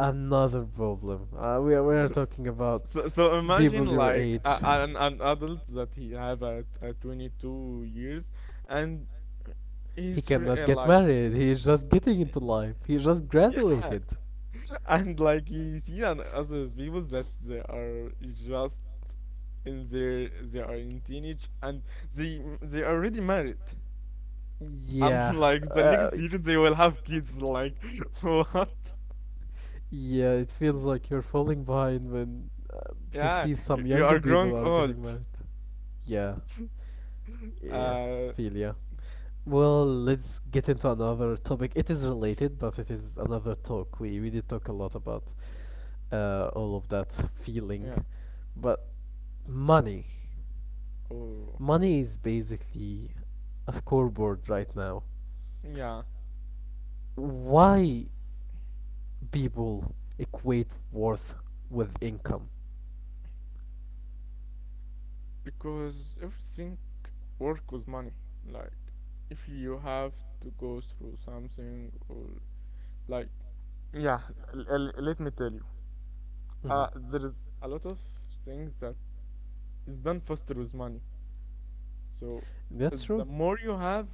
[SPEAKER 1] another problem. We are
[SPEAKER 2] Mm.
[SPEAKER 1] talking about
[SPEAKER 2] So, so imagine
[SPEAKER 1] people your
[SPEAKER 2] like
[SPEAKER 1] age.
[SPEAKER 2] an adult that he have at 22 years and
[SPEAKER 1] He
[SPEAKER 2] he's
[SPEAKER 1] cannot get
[SPEAKER 2] like
[SPEAKER 1] married. He is just getting into life. He just
[SPEAKER 2] yeah.
[SPEAKER 1] graduated.
[SPEAKER 2] (laughs) And like you see on other people that they are just in their they are in teenage and they already married.
[SPEAKER 1] Yeah.
[SPEAKER 2] Unlike the
[SPEAKER 1] Uh,
[SPEAKER 2] next year, they will have kids. Like, (laughs) what?
[SPEAKER 1] yeah, it feels like you're falling behind when you
[SPEAKER 2] Yeah,
[SPEAKER 1] see some
[SPEAKER 2] you
[SPEAKER 1] younger
[SPEAKER 2] are growing
[SPEAKER 1] people are
[SPEAKER 2] old.
[SPEAKER 1] getting married. Yeah. Yeah.
[SPEAKER 2] Uh,
[SPEAKER 1] Feel ya. Well, let's get into another topic. It is related, but it is another talk. We did talk a lot about all of that feeling,
[SPEAKER 2] yeah.
[SPEAKER 1] but money,
[SPEAKER 2] Oh,
[SPEAKER 1] money is basically a scoreboard right now.
[SPEAKER 2] yeah.
[SPEAKER 1] Why people equate worth with income?
[SPEAKER 2] Because everything work with money. Like, if you have to go through something or like, yeah. Let me tell you.
[SPEAKER 1] Hmm.
[SPEAKER 2] There is a lot of things that is done faster with money. So
[SPEAKER 1] That's true.
[SPEAKER 2] the more you have,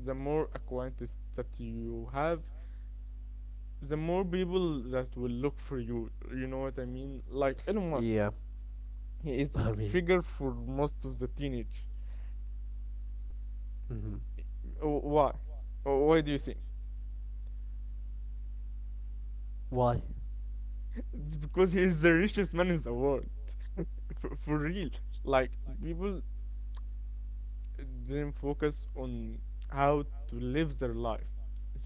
[SPEAKER 2] the more acquaintance that you have, the more people that will look for you. You know what I mean? Like Elon Musk,
[SPEAKER 1] Yeah,
[SPEAKER 2] he
[SPEAKER 1] (laughs)
[SPEAKER 2] is
[SPEAKER 1] I mean,
[SPEAKER 2] figure for most of the teenage.
[SPEAKER 1] hmm.
[SPEAKER 2] Why? Why do you think?
[SPEAKER 1] Why?
[SPEAKER 2] It's because he is the richest man in the world. For real. Like people didn't focus on how to live their life.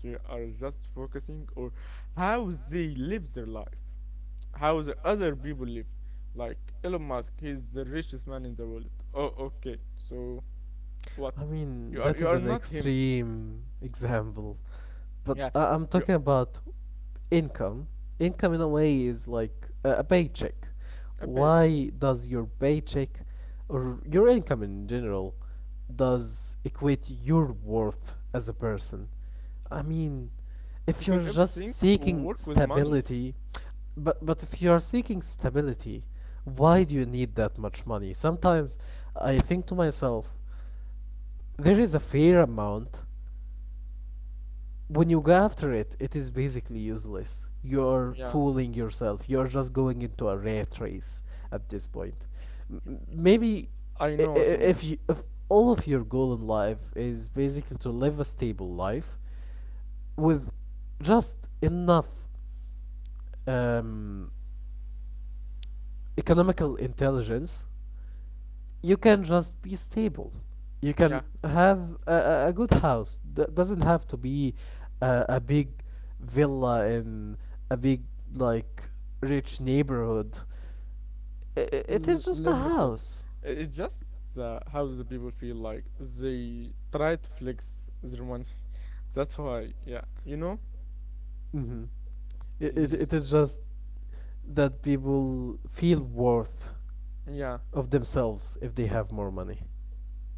[SPEAKER 2] They are just focusing or how they live their life, how the other people live. Like Elon Musk, he's the richest man in the world. Oh, okay. So what?
[SPEAKER 1] I mean,
[SPEAKER 2] You
[SPEAKER 1] that is
[SPEAKER 2] are
[SPEAKER 1] an
[SPEAKER 2] not him.
[SPEAKER 1] extreme example, but
[SPEAKER 2] Yeah,
[SPEAKER 1] I'm
[SPEAKER 2] you
[SPEAKER 1] talking about income. Income, in a way, is like a paycheck.
[SPEAKER 2] a bit,
[SPEAKER 1] Why does your paycheck or your income in general does equate your worth as a person? I mean, if
[SPEAKER 2] because
[SPEAKER 1] you're
[SPEAKER 2] everything
[SPEAKER 1] just seeking
[SPEAKER 2] work with money.
[SPEAKER 1] stability, but if you're seeking stability, why do you need that much money? Sometimes I think to myself, there is a fair amount. When you go after it, it is basically useless. You're
[SPEAKER 2] Yeah,
[SPEAKER 1] fooling yourself. You're just going into a rat race at this point. M- Maybe
[SPEAKER 2] I
[SPEAKER 1] i-
[SPEAKER 2] know
[SPEAKER 1] i-
[SPEAKER 2] what you mean.
[SPEAKER 1] if all of your goal in life is basically to live a stable life with just enough um, economical intelligence, you can just be stable. You
[SPEAKER 2] Yeah,
[SPEAKER 1] can have a good house. Doesn't have to be a big villa in a big, like, rich neighborhood. It is just
[SPEAKER 2] let
[SPEAKER 1] a
[SPEAKER 2] me tell you,
[SPEAKER 1] house.
[SPEAKER 2] it's just how the people feel like they try to flex their money. (laughs) That's why. Yeah, you know.
[SPEAKER 1] hmm it is
[SPEAKER 2] is-
[SPEAKER 1] just that people feel worth
[SPEAKER 2] Yeah,
[SPEAKER 1] of themselves if they have more money,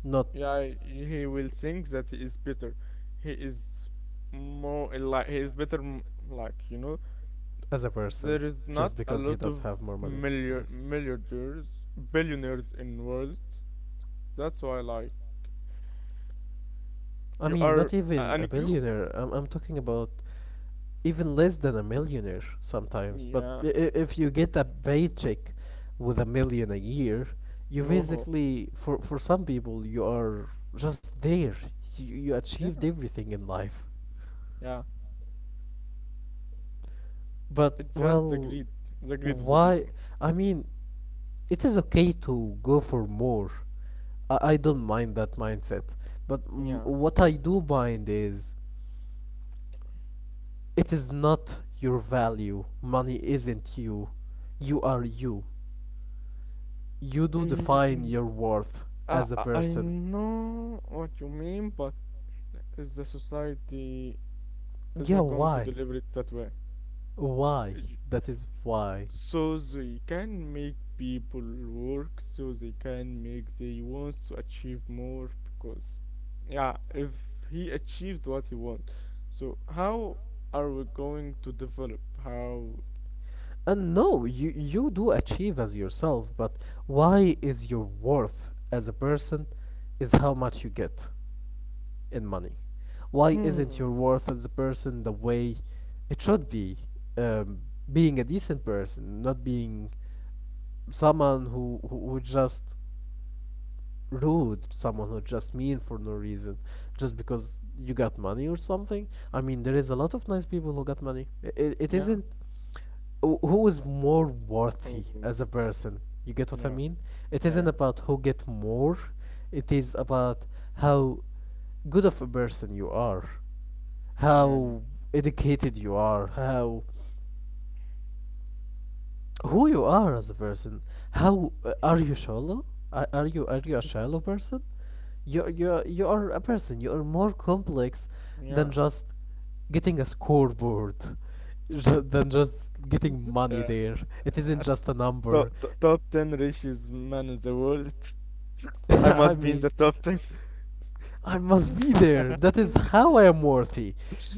[SPEAKER 1] not
[SPEAKER 2] yeah. He will think that he is better. He is more like he is better. Like you know,
[SPEAKER 1] as a person
[SPEAKER 2] there is
[SPEAKER 1] just
[SPEAKER 2] not a
[SPEAKER 1] because he
[SPEAKER 2] lot
[SPEAKER 1] does
[SPEAKER 2] of
[SPEAKER 1] have more money. Mhm.
[SPEAKER 2] milliardaires, billionaires in world. That's why, like,
[SPEAKER 1] I
[SPEAKER 2] you
[SPEAKER 1] mean,
[SPEAKER 2] are
[SPEAKER 1] not even a
[SPEAKER 2] and you,
[SPEAKER 1] billionaire. I'm talking about even less than a millionaire sometimes. But
[SPEAKER 2] yeah,
[SPEAKER 1] if you get a paycheck with a million a year, you
[SPEAKER 2] oh,
[SPEAKER 1] basically, for some people, you are just there. You achieved
[SPEAKER 2] yeah,
[SPEAKER 1] everything in life.
[SPEAKER 2] yeah.
[SPEAKER 1] But,
[SPEAKER 2] It's just
[SPEAKER 1] well,
[SPEAKER 2] the greed of the
[SPEAKER 1] why?
[SPEAKER 2] people.
[SPEAKER 1] I mean, it is okay to go for more. I don't mind that mindset. But
[SPEAKER 2] Yeah.
[SPEAKER 1] what I do mind is, it is not your value. Money isn't you. You are you. You do define
[SPEAKER 2] Mm,
[SPEAKER 1] your worth
[SPEAKER 2] I
[SPEAKER 1] as a
[SPEAKER 2] I I
[SPEAKER 1] person.
[SPEAKER 2] know what you mean, but is the society is
[SPEAKER 1] Yeah,
[SPEAKER 2] not going to
[SPEAKER 1] why?
[SPEAKER 2] deliver it that way.
[SPEAKER 1] Why? That is why.
[SPEAKER 2] So they can make people work, so they can make they want to achieve more. Because yeah, if he achieved what he want, so how are we going to develop, how?
[SPEAKER 1] And no, you do achieve as yourself, but why is your worth as a person is how much you get in money? Why isn't your
[SPEAKER 2] Hmm.
[SPEAKER 1] worth as a person the way it should be? Um, being a decent person, not being someone who just rude, someone who just mean for no reason, just because you got money or something. I mean, there is a lot of nice people who got money. It
[SPEAKER 2] Yeah.
[SPEAKER 1] isn't who is more worthy
[SPEAKER 2] Oh,
[SPEAKER 1] as a person. You get what I
[SPEAKER 2] yeah,
[SPEAKER 1] mean? It isn't
[SPEAKER 2] yeah,
[SPEAKER 1] about who get more. It is about how good of a person you are,
[SPEAKER 2] yeah, yeah,
[SPEAKER 1] how educated you are, how who you are as a person. How are you shallow? Are you a shallow person? You are a person. You are more complex
[SPEAKER 2] yeah,
[SPEAKER 1] than just getting a scoreboard, (laughs) than just
[SPEAKER 2] yeah.
[SPEAKER 1] getting
[SPEAKER 2] (laughs)
[SPEAKER 1] money
[SPEAKER 2] Yeah.
[SPEAKER 1] there. It isn't
[SPEAKER 2] Uh,
[SPEAKER 1] just a number.
[SPEAKER 2] top 10 richest man in the world.
[SPEAKER 1] (laughs)
[SPEAKER 2] (laughs) I
[SPEAKER 1] I
[SPEAKER 2] must be in
[SPEAKER 1] mean.
[SPEAKER 2] the top 10.
[SPEAKER 1] I must be there. That is
[SPEAKER 2] (laughs)
[SPEAKER 1] how I am worthy.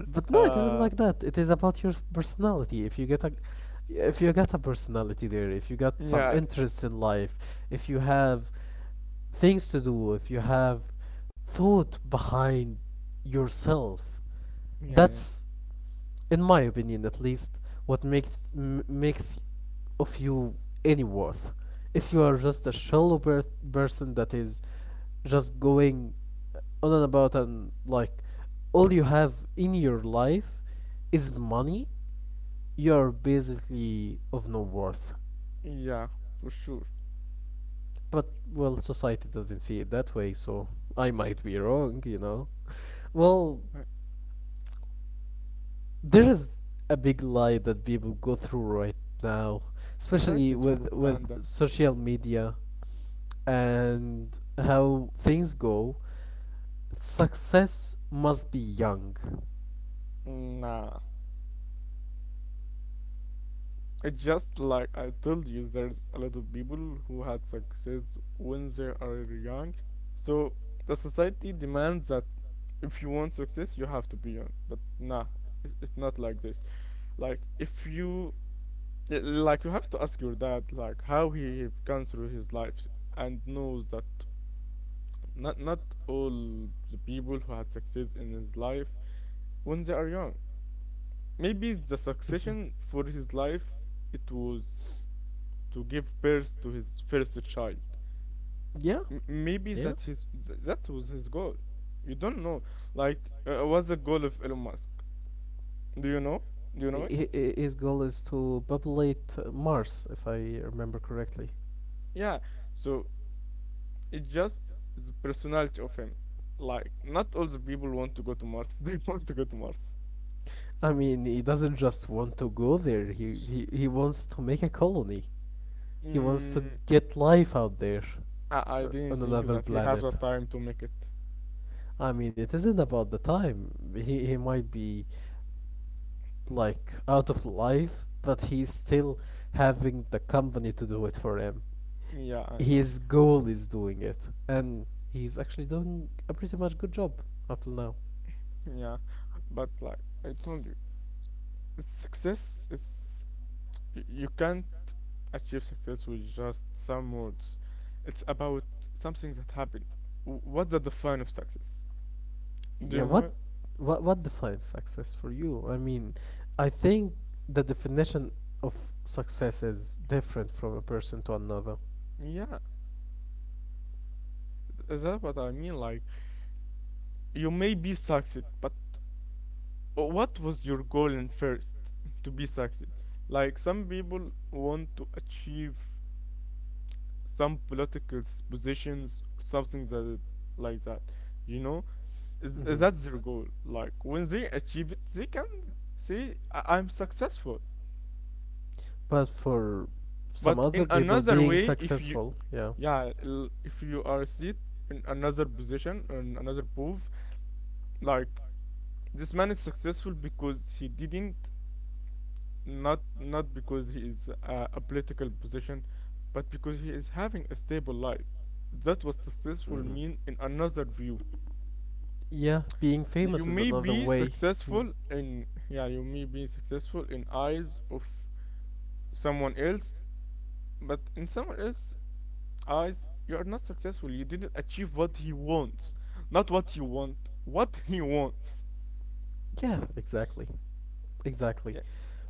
[SPEAKER 1] But no, it isn't
[SPEAKER 2] Uh,
[SPEAKER 1] like that. It is about your personality. If you got a personality there, if you got some
[SPEAKER 2] yeah,
[SPEAKER 1] interest in life, if you have things to do, if you have thought behind yourself,
[SPEAKER 2] yeah, yeah,
[SPEAKER 1] that's in my opinion at least what makes makes of you any worth. If you are just a shallow person that is just going on and about and, like, all you have in your life is money, you're basically of no worth.
[SPEAKER 2] yeah, for sure.
[SPEAKER 1] But, well, society doesn't see it that way, so I might be wrong, you know. (laughs) Well,
[SPEAKER 2] Uh,
[SPEAKER 1] there is a big lie that people go through right now, especially
[SPEAKER 2] society's
[SPEAKER 1] with
[SPEAKER 2] propaganda.
[SPEAKER 1] social media and how things go. Success must be young.
[SPEAKER 2] Nah. It's just like I told you, there's a lot of people who had success when they are young. So the society demands that if you want success, you have to be young. But nah, it's not like this. Like if you like, you have to ask your dad like how he have gone through his life, and knows that not all the people who had success in his life when they are young. Maybe the
[SPEAKER 1] Mhm.
[SPEAKER 2] succession for his life, it was to give birth to his first child.
[SPEAKER 1] Yeah,
[SPEAKER 2] Maybe
[SPEAKER 1] yeah.
[SPEAKER 2] that his that was his goal. You don't know. Like, what's the goal of Elon Musk? Do you know? Do you know
[SPEAKER 1] I-
[SPEAKER 2] it?
[SPEAKER 1] i- His goal is to populate Mars, if I remember correctly.
[SPEAKER 2] Yeah. So it's just the personality of him. Like, not all the people want to go to Mars. (laughs) They want to go to Mars.
[SPEAKER 1] I mean, he doesn't just want to go there. He wants to make a colony. He wants to
[SPEAKER 2] Mm,
[SPEAKER 1] get life out there,
[SPEAKER 2] I didn't
[SPEAKER 1] on
[SPEAKER 2] think
[SPEAKER 1] another
[SPEAKER 2] that he has the
[SPEAKER 1] planet.
[SPEAKER 2] time to make it.
[SPEAKER 1] I mean, it isn't about the time. He might be, like, out of life, but he's still having the company to do it for him.
[SPEAKER 2] Yeah, I know.
[SPEAKER 1] His goal is doing it, and he's actually doing a pretty much good job up till now.
[SPEAKER 2] Yeah, but like I told you. Success is you can't achieve success with just some words. It's about something that happened. What's the define of success? Do
[SPEAKER 1] Yeah,
[SPEAKER 2] you know it?
[SPEAKER 1] what defines success for you? I mean, I think the definition of success is different from a person to another.
[SPEAKER 2] Yeah, is that what I mean? Like you may be succeed, but what was your goal in first to be succeed? Like some people want to achieve some political positions, something that like that, you know?
[SPEAKER 1] Hmm.
[SPEAKER 2] That's their goal. Like when they achieve it, they can say, "I- "I'm successful."
[SPEAKER 1] But for some
[SPEAKER 2] But in
[SPEAKER 1] other people
[SPEAKER 2] another
[SPEAKER 1] being
[SPEAKER 2] way, if you
[SPEAKER 1] successful, yeah.
[SPEAKER 2] yeah, if you are sit in another position in another proof, like this man is successful because he didn't not because he is a political position, but because he is having a stable life. That was successful
[SPEAKER 1] Hmm.
[SPEAKER 2] mean in another view.
[SPEAKER 1] Yeah, being
[SPEAKER 2] You
[SPEAKER 1] famous is
[SPEAKER 2] may
[SPEAKER 1] another
[SPEAKER 2] be
[SPEAKER 1] way. Mm.
[SPEAKER 2] successful in yeah, you may be successful in eyes of someone else, but in someone else's eyes, you are not successful. You didn't achieve what he wants, not what you want, what he wants.
[SPEAKER 1] Yeah, exactly. Exactly.
[SPEAKER 2] Yeah,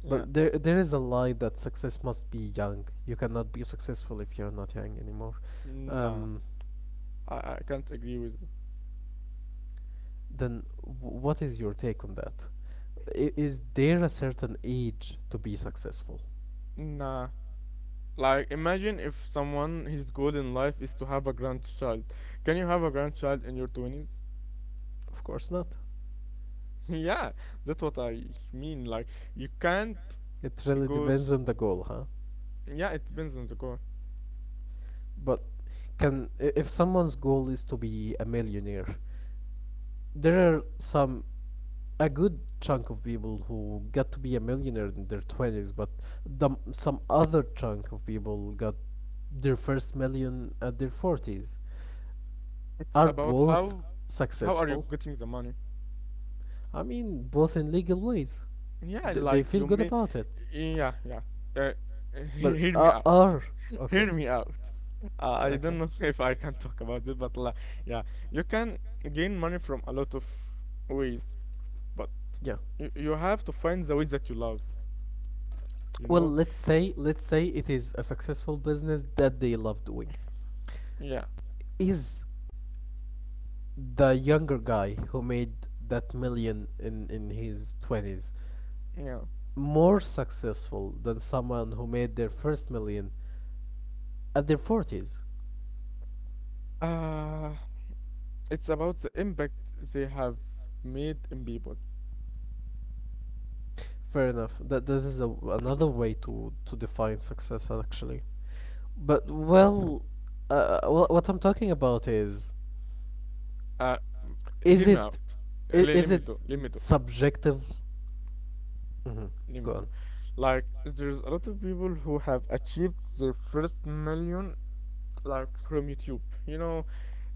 [SPEAKER 2] yeah,
[SPEAKER 1] But there is a lie that success must be young. You cannot be successful if you're not young anymore.
[SPEAKER 2] nah,
[SPEAKER 1] Um.
[SPEAKER 2] I can't agree with it.
[SPEAKER 1] Then what is your take on that? Is there a certain age to be successful?
[SPEAKER 2] Nah. Like, imagine if someone, his goal in life is to have a grandchild. Can you have a grandchild in your 20s?
[SPEAKER 1] Of course not.
[SPEAKER 2] (laughs) Yeah, that's what I mean. Like, you can't
[SPEAKER 1] It really
[SPEAKER 2] go.
[SPEAKER 1] depends on the goal, huh?
[SPEAKER 2] Yeah, it depends on the goal.
[SPEAKER 1] But can if someone's goal is to be a millionaire, there are some a good chunk of people who got to be a millionaire in their 20s, but some other chunk of people got their first million at their 40s.
[SPEAKER 2] It's
[SPEAKER 1] Are
[SPEAKER 2] about
[SPEAKER 1] both
[SPEAKER 2] how are you
[SPEAKER 1] successful?
[SPEAKER 2] getting the money?
[SPEAKER 1] I mean, both in legal ways.
[SPEAKER 2] Yeah,
[SPEAKER 1] They
[SPEAKER 2] like
[SPEAKER 1] feel
[SPEAKER 2] you
[SPEAKER 1] good
[SPEAKER 2] may,
[SPEAKER 1] about it.
[SPEAKER 2] yeah, yeah. Uh, (laughs)
[SPEAKER 1] But
[SPEAKER 2] hear me out.
[SPEAKER 1] are
[SPEAKER 2] (laughs)
[SPEAKER 1] okay,
[SPEAKER 2] Hear me out. I
[SPEAKER 1] okay,
[SPEAKER 2] don't know (laughs) if I can talk about it, but like, yeah, you can gain money from a lot of ways, but
[SPEAKER 1] yeah.
[SPEAKER 2] you have to find the way that you love, you
[SPEAKER 1] Well,
[SPEAKER 2] know?
[SPEAKER 1] let's say it is a successful business that they love doing.
[SPEAKER 2] Yeah,
[SPEAKER 1] Is the younger guy who made that million in his twenties
[SPEAKER 2] yeah.
[SPEAKER 1] more successful than someone who made their first million at their forties?
[SPEAKER 2] Uh, it's about the impact they have made in people.
[SPEAKER 1] Fair enough. That that is a, another way to define success actually. But well, well, what I'm talking about is
[SPEAKER 2] Uh,
[SPEAKER 1] is
[SPEAKER 2] hear me out.
[SPEAKER 1] it
[SPEAKER 2] Let
[SPEAKER 1] is
[SPEAKER 2] me
[SPEAKER 1] it
[SPEAKER 2] talk. Let me talk.
[SPEAKER 1] subjective? Hmm. Go
[SPEAKER 2] Limito.
[SPEAKER 1] on.
[SPEAKER 2] Like, there's a lot of people who have achieved their first million, like from YouTube. You know,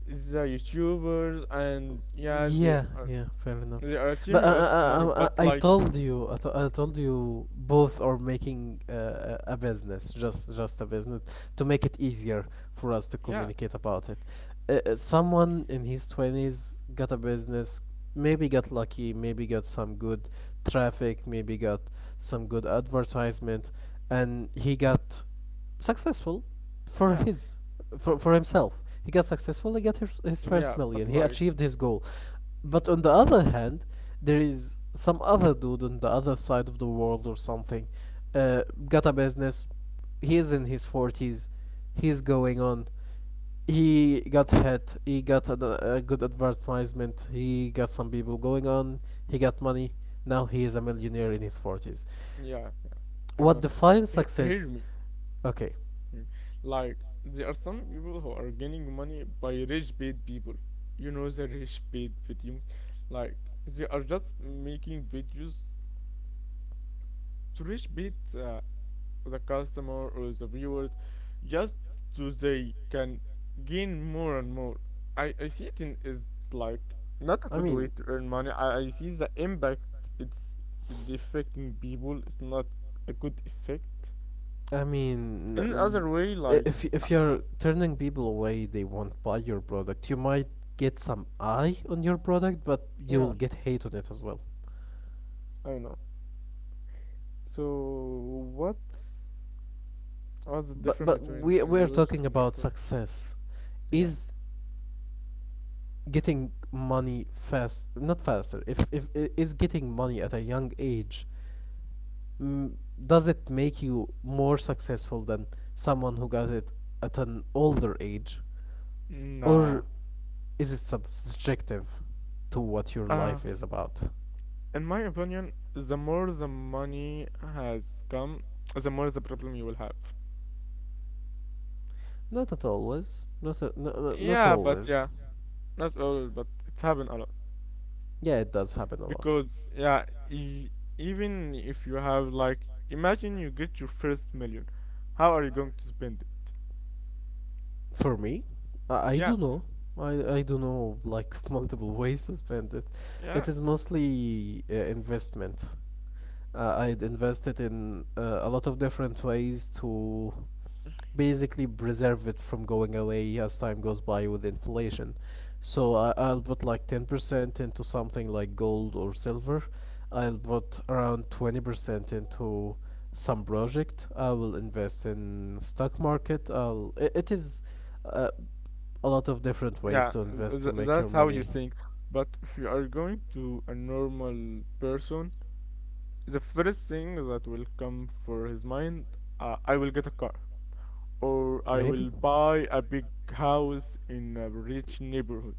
[SPEAKER 2] the YouTubers, and yeah,
[SPEAKER 1] Yeah, yeah, fair enough.
[SPEAKER 2] they are
[SPEAKER 1] But
[SPEAKER 2] achieving a lot of money. But
[SPEAKER 1] I
[SPEAKER 2] like,
[SPEAKER 1] told you, I told you, both are making a business, just a business, to make it easier for us to
[SPEAKER 2] yeah,
[SPEAKER 1] communicate about it. Someone in his twenties got a business, maybe got lucky, maybe got some good traffic, maybe got some good advertisement, and he got successful for
[SPEAKER 2] yeah,
[SPEAKER 1] his, for himself. He got successful, he got his first
[SPEAKER 2] yeah.
[SPEAKER 1] million,
[SPEAKER 2] But
[SPEAKER 1] he
[SPEAKER 2] like,
[SPEAKER 1] achieved his goal. But on the other hand, there is some other dude on the other side of the world or something, got a business, he is in his 40s, he's going on. He got hit, he got a good advertisement, he got some people going on, he got money, now he is a millionaire in his 40s.
[SPEAKER 2] yeah, I
[SPEAKER 1] What
[SPEAKER 2] know.
[SPEAKER 1] defines
[SPEAKER 2] Hear
[SPEAKER 1] success?
[SPEAKER 2] me.
[SPEAKER 1] Okay,
[SPEAKER 2] Hear. Like, there are some people who are gaining money by rich paid people. You know, the rich paid videos. Like, they are just making videos to rich paid. The customer or the viewers just so they can gain more and more. I see it in is like not a
[SPEAKER 1] I
[SPEAKER 2] good way
[SPEAKER 1] mean,
[SPEAKER 2] to earn money. I see the impact it's it affecting people. It's not a good effect.
[SPEAKER 1] I mean,
[SPEAKER 2] In
[SPEAKER 1] mm,
[SPEAKER 2] other way, like uh,
[SPEAKER 1] if you're turning people away, they won't buy your product. You might get some eye on your product, but you will
[SPEAKER 2] yeah,
[SPEAKER 1] get hate on it as well.
[SPEAKER 2] I know. So what's the difference
[SPEAKER 1] But
[SPEAKER 2] between
[SPEAKER 1] we
[SPEAKER 2] a
[SPEAKER 1] we're
[SPEAKER 2] use
[SPEAKER 1] talking
[SPEAKER 2] and
[SPEAKER 1] about
[SPEAKER 2] effort?
[SPEAKER 1] success.
[SPEAKER 2] Yeah.
[SPEAKER 1] Is getting money fast, not faster. If is getting money at a young age, mm, does it make you more successful than someone who got it at an older age?
[SPEAKER 2] Nah.
[SPEAKER 1] Or is it subjective to what your
[SPEAKER 2] Uh,
[SPEAKER 1] life is about?
[SPEAKER 2] in my opinion, the more the money has come, the more the problem you will have.
[SPEAKER 1] Not at always. Not a, no, not
[SPEAKER 2] Yeah, but
[SPEAKER 1] always.
[SPEAKER 2] yeah, not all, but it's happened a lot.
[SPEAKER 1] Yeah, it does happen a lot.
[SPEAKER 2] Because yeah, e even if you have like, imagine you get your first million, how are you going to spend it?
[SPEAKER 1] For me, I do
[SPEAKER 2] Yeah,
[SPEAKER 1] know. I do know, like, (laughs) multiple ways to spend it.
[SPEAKER 2] yeah,
[SPEAKER 1] It is mostly investment. Uh, I'd invested in a lot of different ways to basically preserve it from going away as time goes by with inflation. So I'll put like 10% into something like gold or silver. I'll put around 20% into some project. I will invest in stock market. It, it is uh, a lot of different ways
[SPEAKER 2] yeah.
[SPEAKER 1] to invest to make your
[SPEAKER 2] That's how you
[SPEAKER 1] money.
[SPEAKER 2] think. But if you are going to a normal person, the first thing that will come for his mind, I will get a car, or I
[SPEAKER 1] Maybe.
[SPEAKER 2] will buy a big house in a rich neighborhood.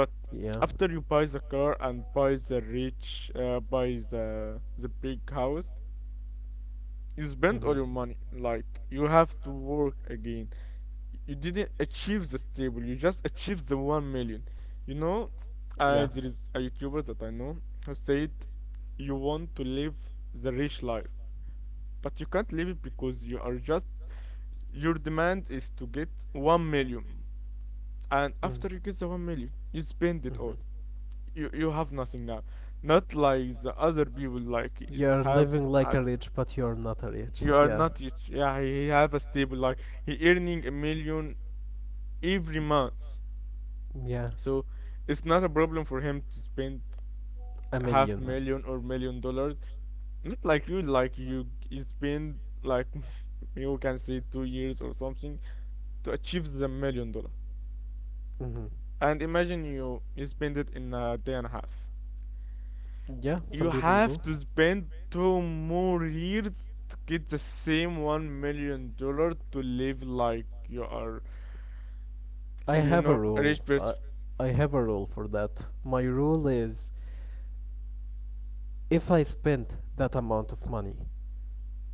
[SPEAKER 2] But
[SPEAKER 1] Yeah.
[SPEAKER 2] after you buy the car and buy the rich, buy the big house, you spend all your money. Like you have to work again. You didn't achieve the stable. You just achieved the 1 million. You know, there is a YouTuber that I know who said you want to live the rich life, but you can't live it because you are just your demand is to get 1 million, and
[SPEAKER 1] Mm.
[SPEAKER 2] after you get the 1 million you spend it
[SPEAKER 1] Mhm.
[SPEAKER 2] all. You have nothing now, not like the other people like is
[SPEAKER 1] You're
[SPEAKER 2] have.
[SPEAKER 1] living like
[SPEAKER 2] As
[SPEAKER 1] a rich, but you're not a rich.
[SPEAKER 2] you are
[SPEAKER 1] Yeah.
[SPEAKER 2] not rich, yeah, he have a stable, like he earning a million every month,
[SPEAKER 1] Yeah.
[SPEAKER 2] so it's not a problem for him to spend
[SPEAKER 1] A
[SPEAKER 2] half
[SPEAKER 1] million.
[SPEAKER 2] million or million dollars. Not like you, like you spend like (laughs) you can say 2 years or something to achieve the million dollar.
[SPEAKER 1] Hmm.
[SPEAKER 2] And imagine you spend it in a day and a half.
[SPEAKER 1] Yeah, some
[SPEAKER 2] You
[SPEAKER 1] people
[SPEAKER 2] have
[SPEAKER 1] do.
[SPEAKER 2] to spend two more years to get the same 1 million dollar to live like you are,
[SPEAKER 1] I have a
[SPEAKER 2] a
[SPEAKER 1] rule.
[SPEAKER 2] rich person.
[SPEAKER 1] I have a rule for that. My rule is, if I spent that amount of money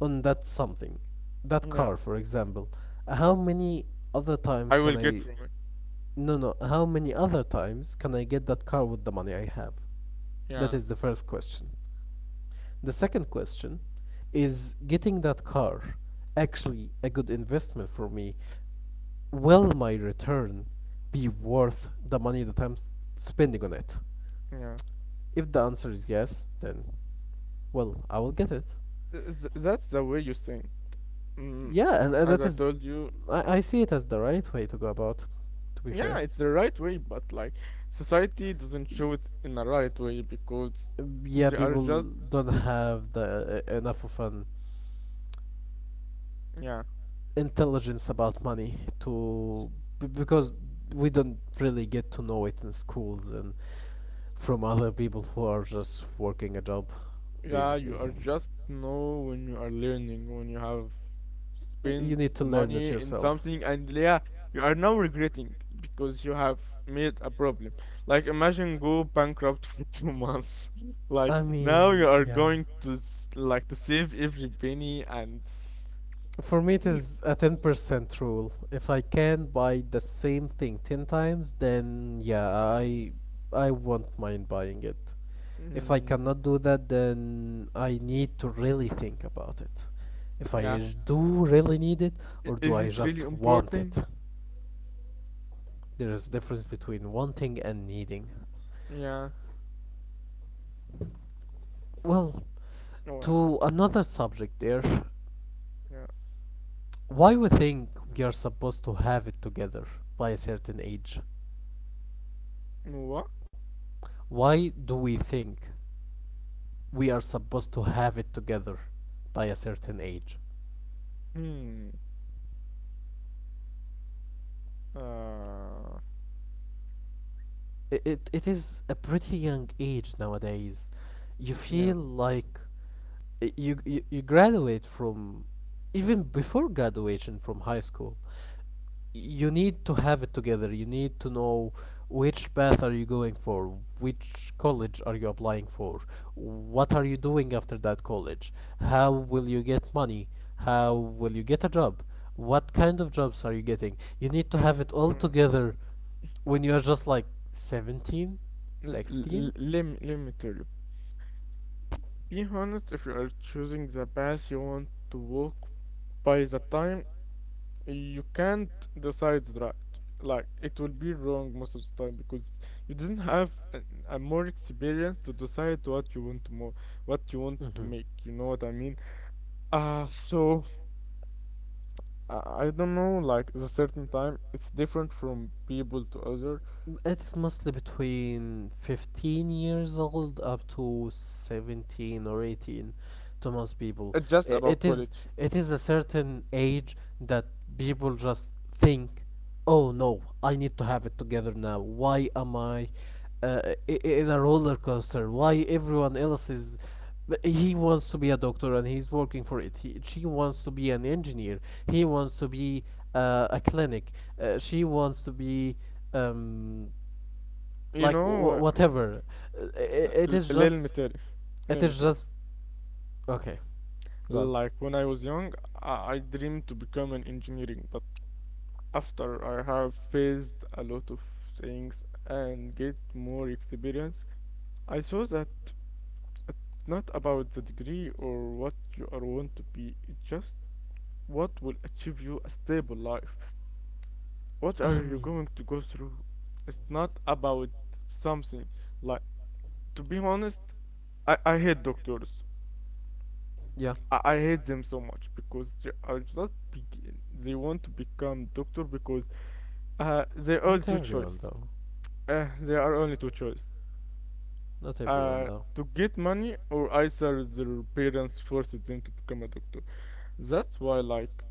[SPEAKER 1] on that something, that
[SPEAKER 2] Yeah,
[SPEAKER 1] car, for example, how many other times
[SPEAKER 2] I
[SPEAKER 1] can
[SPEAKER 2] will get
[SPEAKER 1] I?
[SPEAKER 2] from it.
[SPEAKER 1] No, no. How many other times can I get that car with the money I have? That
[SPEAKER 2] Yeah,
[SPEAKER 1] is the first question. The second question is, getting that car actually a good investment for me? Will my return be worth the money that I'm spending on it?
[SPEAKER 2] yeah.
[SPEAKER 1] If the answer is yes, then, well, I will get it.
[SPEAKER 2] That's the way you think. Mm,
[SPEAKER 1] Yeah, and
[SPEAKER 2] as
[SPEAKER 1] that
[SPEAKER 2] I
[SPEAKER 1] is,
[SPEAKER 2] told you,
[SPEAKER 1] I see it as the right way to go about, to be
[SPEAKER 2] yeah,
[SPEAKER 1] fair.
[SPEAKER 2] it's the right way, but like society doesn't show it in the right way because
[SPEAKER 1] Yeah,
[SPEAKER 2] they are
[SPEAKER 1] people
[SPEAKER 2] just
[SPEAKER 1] don't have the enough of an
[SPEAKER 2] yeah.
[SPEAKER 1] intelligence about money to because we don't really get to know it in schools and from other people who are just working a job
[SPEAKER 2] Yeah, you are
[SPEAKER 1] basically.
[SPEAKER 2] just know when you are learning, when you have spent
[SPEAKER 1] You need to learn
[SPEAKER 2] money
[SPEAKER 1] it
[SPEAKER 2] in
[SPEAKER 1] yourself.
[SPEAKER 2] something, and yeah, you are now regretting because you have made a problem. Like, imagine go bankrupt (laughs) for 2 months. (laughs) Like,
[SPEAKER 1] I
[SPEAKER 2] now you
[SPEAKER 1] mean,
[SPEAKER 2] are
[SPEAKER 1] yeah.
[SPEAKER 2] going to like to save every penny, and
[SPEAKER 1] For me, it
[SPEAKER 2] (laughs)
[SPEAKER 1] is a 10% rule. If I can buy the same thing 10 times, then yeah, I won't mind buying it. If I
[SPEAKER 2] mm,
[SPEAKER 1] cannot do that, then I need to really think about it. If I
[SPEAKER 2] yeah,
[SPEAKER 1] do really need it, or do
[SPEAKER 2] is
[SPEAKER 1] I
[SPEAKER 2] it
[SPEAKER 1] just
[SPEAKER 2] really
[SPEAKER 1] want it?
[SPEAKER 2] important?
[SPEAKER 1] There is difference between wanting and needing.
[SPEAKER 2] Yeah,
[SPEAKER 1] Well,
[SPEAKER 2] what?
[SPEAKER 1] to another subject there,
[SPEAKER 2] Yeah,
[SPEAKER 1] why we think we are supposed to have it together by a certain age?
[SPEAKER 2] what?
[SPEAKER 1] Why do we think we are supposed to have it together by a certain age?
[SPEAKER 2] Hmm. Uh,
[SPEAKER 1] It is a pretty young age nowadays. You
[SPEAKER 2] yeah.
[SPEAKER 1] feel like you graduate from, even before graduation from high school, you need to have it together, you need to know which path are you going for, which college are you applying for, what are you doing after that college, how will you get money, how will you get a job, what kind of jobs are you getting, you need to have it all
[SPEAKER 2] Mm,
[SPEAKER 1] together when you are just like 17,
[SPEAKER 2] L- l-
[SPEAKER 1] 16.
[SPEAKER 2] Let let me tell you. Be honest, if you are choosing the path you want to walk, by the time you can't decide right. Like it will be wrong most of the time because you didn't have a more experience to decide what you want to more, what you want to
[SPEAKER 1] Hmm.
[SPEAKER 2] make. You know what I mean? So I, I don't know. Like the certain time, it's different from people to other.
[SPEAKER 1] It is mostly between 15 years old up to 17 or 18 to most people.
[SPEAKER 2] It's just
[SPEAKER 1] I-
[SPEAKER 2] about
[SPEAKER 1] It is
[SPEAKER 2] college.
[SPEAKER 1] it is a certain age that people just think, "Oh no, I need to have it together now. Why am I uh, in a roller coaster? Why everyone else is He wants to be a doctor and he's working for it. He, she wants to be an engineer. He wants to be a clinic. She wants to be um,
[SPEAKER 2] You
[SPEAKER 1] like
[SPEAKER 2] know,
[SPEAKER 1] whatever. It is
[SPEAKER 2] Let me
[SPEAKER 1] just.
[SPEAKER 2] tell you.
[SPEAKER 1] It
[SPEAKER 2] Let me
[SPEAKER 1] is
[SPEAKER 2] tell you.
[SPEAKER 1] just. Okay, go on.
[SPEAKER 2] Like when I was young, I dreamed to become an engineering, but after I have faced a lot of things and get more experience, I saw that it's not about the degree or what you are want to be, it's just what will achieve you a stable life. What are
[SPEAKER 1] I
[SPEAKER 2] you
[SPEAKER 1] mean.
[SPEAKER 2] going to go through? It's not about something. Like to be honest, I hate doctors.
[SPEAKER 1] Yeah.
[SPEAKER 2] I hate them so much because they are just begin. They want to become doctor because they all
[SPEAKER 1] Not
[SPEAKER 2] two
[SPEAKER 1] everyone
[SPEAKER 2] choice.
[SPEAKER 1] though.
[SPEAKER 2] They are only two choice.
[SPEAKER 1] Not everyone
[SPEAKER 2] Uh,
[SPEAKER 1] though.
[SPEAKER 2] to get money or either their parents forced them to become a doctor. That's why like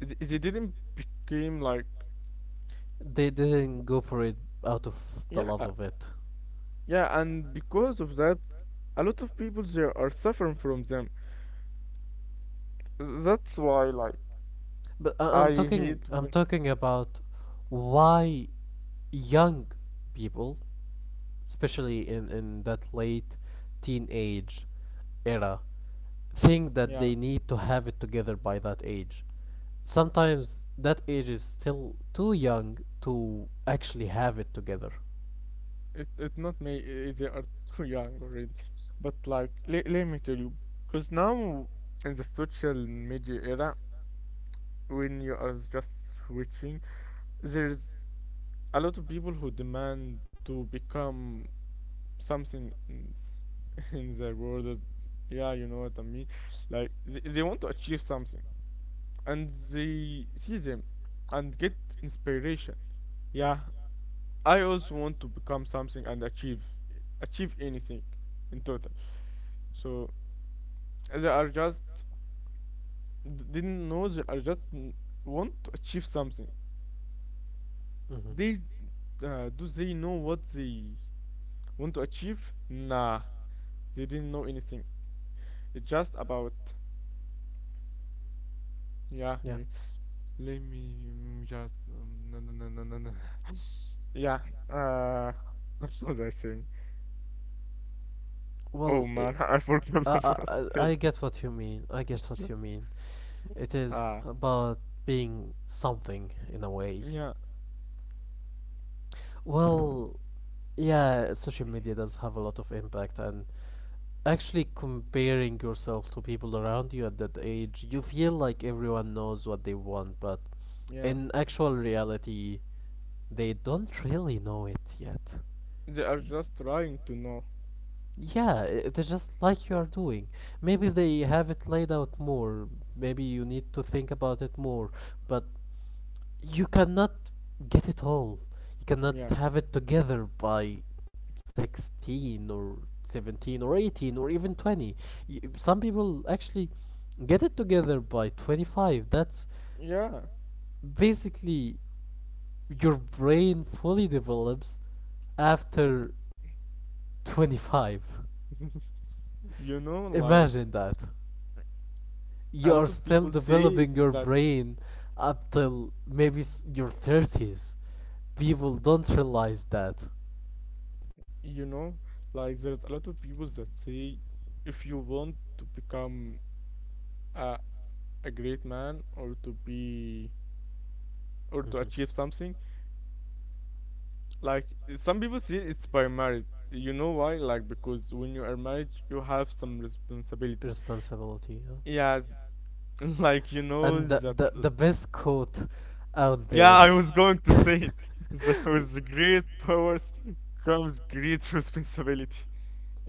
[SPEAKER 2] they didn't became like
[SPEAKER 1] They didn't go for it out of the
[SPEAKER 2] yeah
[SPEAKER 1] love of it.
[SPEAKER 2] yeah, and because of that, a lot of people there are suffering from them. That's why like
[SPEAKER 1] But
[SPEAKER 2] I
[SPEAKER 1] I'm talking
[SPEAKER 2] hate
[SPEAKER 1] I'm
[SPEAKER 2] when
[SPEAKER 1] talking about why young people, especially in that late teenage era, think that
[SPEAKER 2] yeah.
[SPEAKER 1] they need to have it together by that age. Sometimes that age is still too young to actually have it together.
[SPEAKER 2] It not me. They are too young already. (laughs) But like, le let me tell you, because now in the social media era, when you are just switching, there's a lot of people who demand to become something in (laughs) in the world. Yeah, you know what I mean. Like they want to achieve something, and they see them and get inspiration. Yeah, I also want to become something and achieve anything in total. So they are just didn't know they are just want to achieve something.
[SPEAKER 1] hmm
[SPEAKER 2] They s- do they know what they want to achieve? Nah, they didn't know anything. It's just about yeah.
[SPEAKER 1] Yeah.
[SPEAKER 2] You, let me mm, just no no no no no no. (laughs) Yeah. Uh, what was I saying? Oh
[SPEAKER 1] Well,
[SPEAKER 2] man, (laughs) I forgot
[SPEAKER 1] i
[SPEAKER 2] what I
[SPEAKER 1] I,
[SPEAKER 2] was (laughs) (laughs)
[SPEAKER 1] I get what you mean. I get what you mean. It is
[SPEAKER 2] Ah,
[SPEAKER 1] about being something in a way.
[SPEAKER 2] yeah,
[SPEAKER 1] Well, yeah, social media does have a lot of impact, and actually comparing yourself to people around you at that age, you feel like everyone knows what they want, but
[SPEAKER 2] yeah.
[SPEAKER 1] in actual reality, they don't really know it yet.
[SPEAKER 2] They are just trying to know.
[SPEAKER 1] Yeah, it is just like you are doing. Maybe they have it laid out more. Maybe you need to think about it more. But you cannot get it all. You cannot
[SPEAKER 2] Yeah.
[SPEAKER 1] have it together by 16 or 17 or 18 or even 20. Some people actually get it together by 25. That's
[SPEAKER 2] Yeah.
[SPEAKER 1] basically your brain fully develops after 25.
[SPEAKER 2] (laughs) You know, like
[SPEAKER 1] Imagine that.
[SPEAKER 2] a
[SPEAKER 1] You're
[SPEAKER 2] lot of
[SPEAKER 1] still
[SPEAKER 2] people say
[SPEAKER 1] developing your
[SPEAKER 2] that,
[SPEAKER 1] brain up till maybe your 30s. People don't realize that.
[SPEAKER 2] you know, like there's a lot of people that say if you want to become a, a great man or to be or to
[SPEAKER 1] Mhm.
[SPEAKER 2] achieve something, like some people say it's by marriage. You know why? Like because when you are married, you have some responsibilities.
[SPEAKER 1] Responsibility. Yeah.
[SPEAKER 2] Yeah, (laughs) like you know
[SPEAKER 1] And the,
[SPEAKER 2] that
[SPEAKER 1] the, the best quote out
[SPEAKER 2] yeah,
[SPEAKER 1] there.
[SPEAKER 2] I was going to
[SPEAKER 1] (laughs)
[SPEAKER 2] say it. (laughs) That with great powers comes great (laughs) responsibility.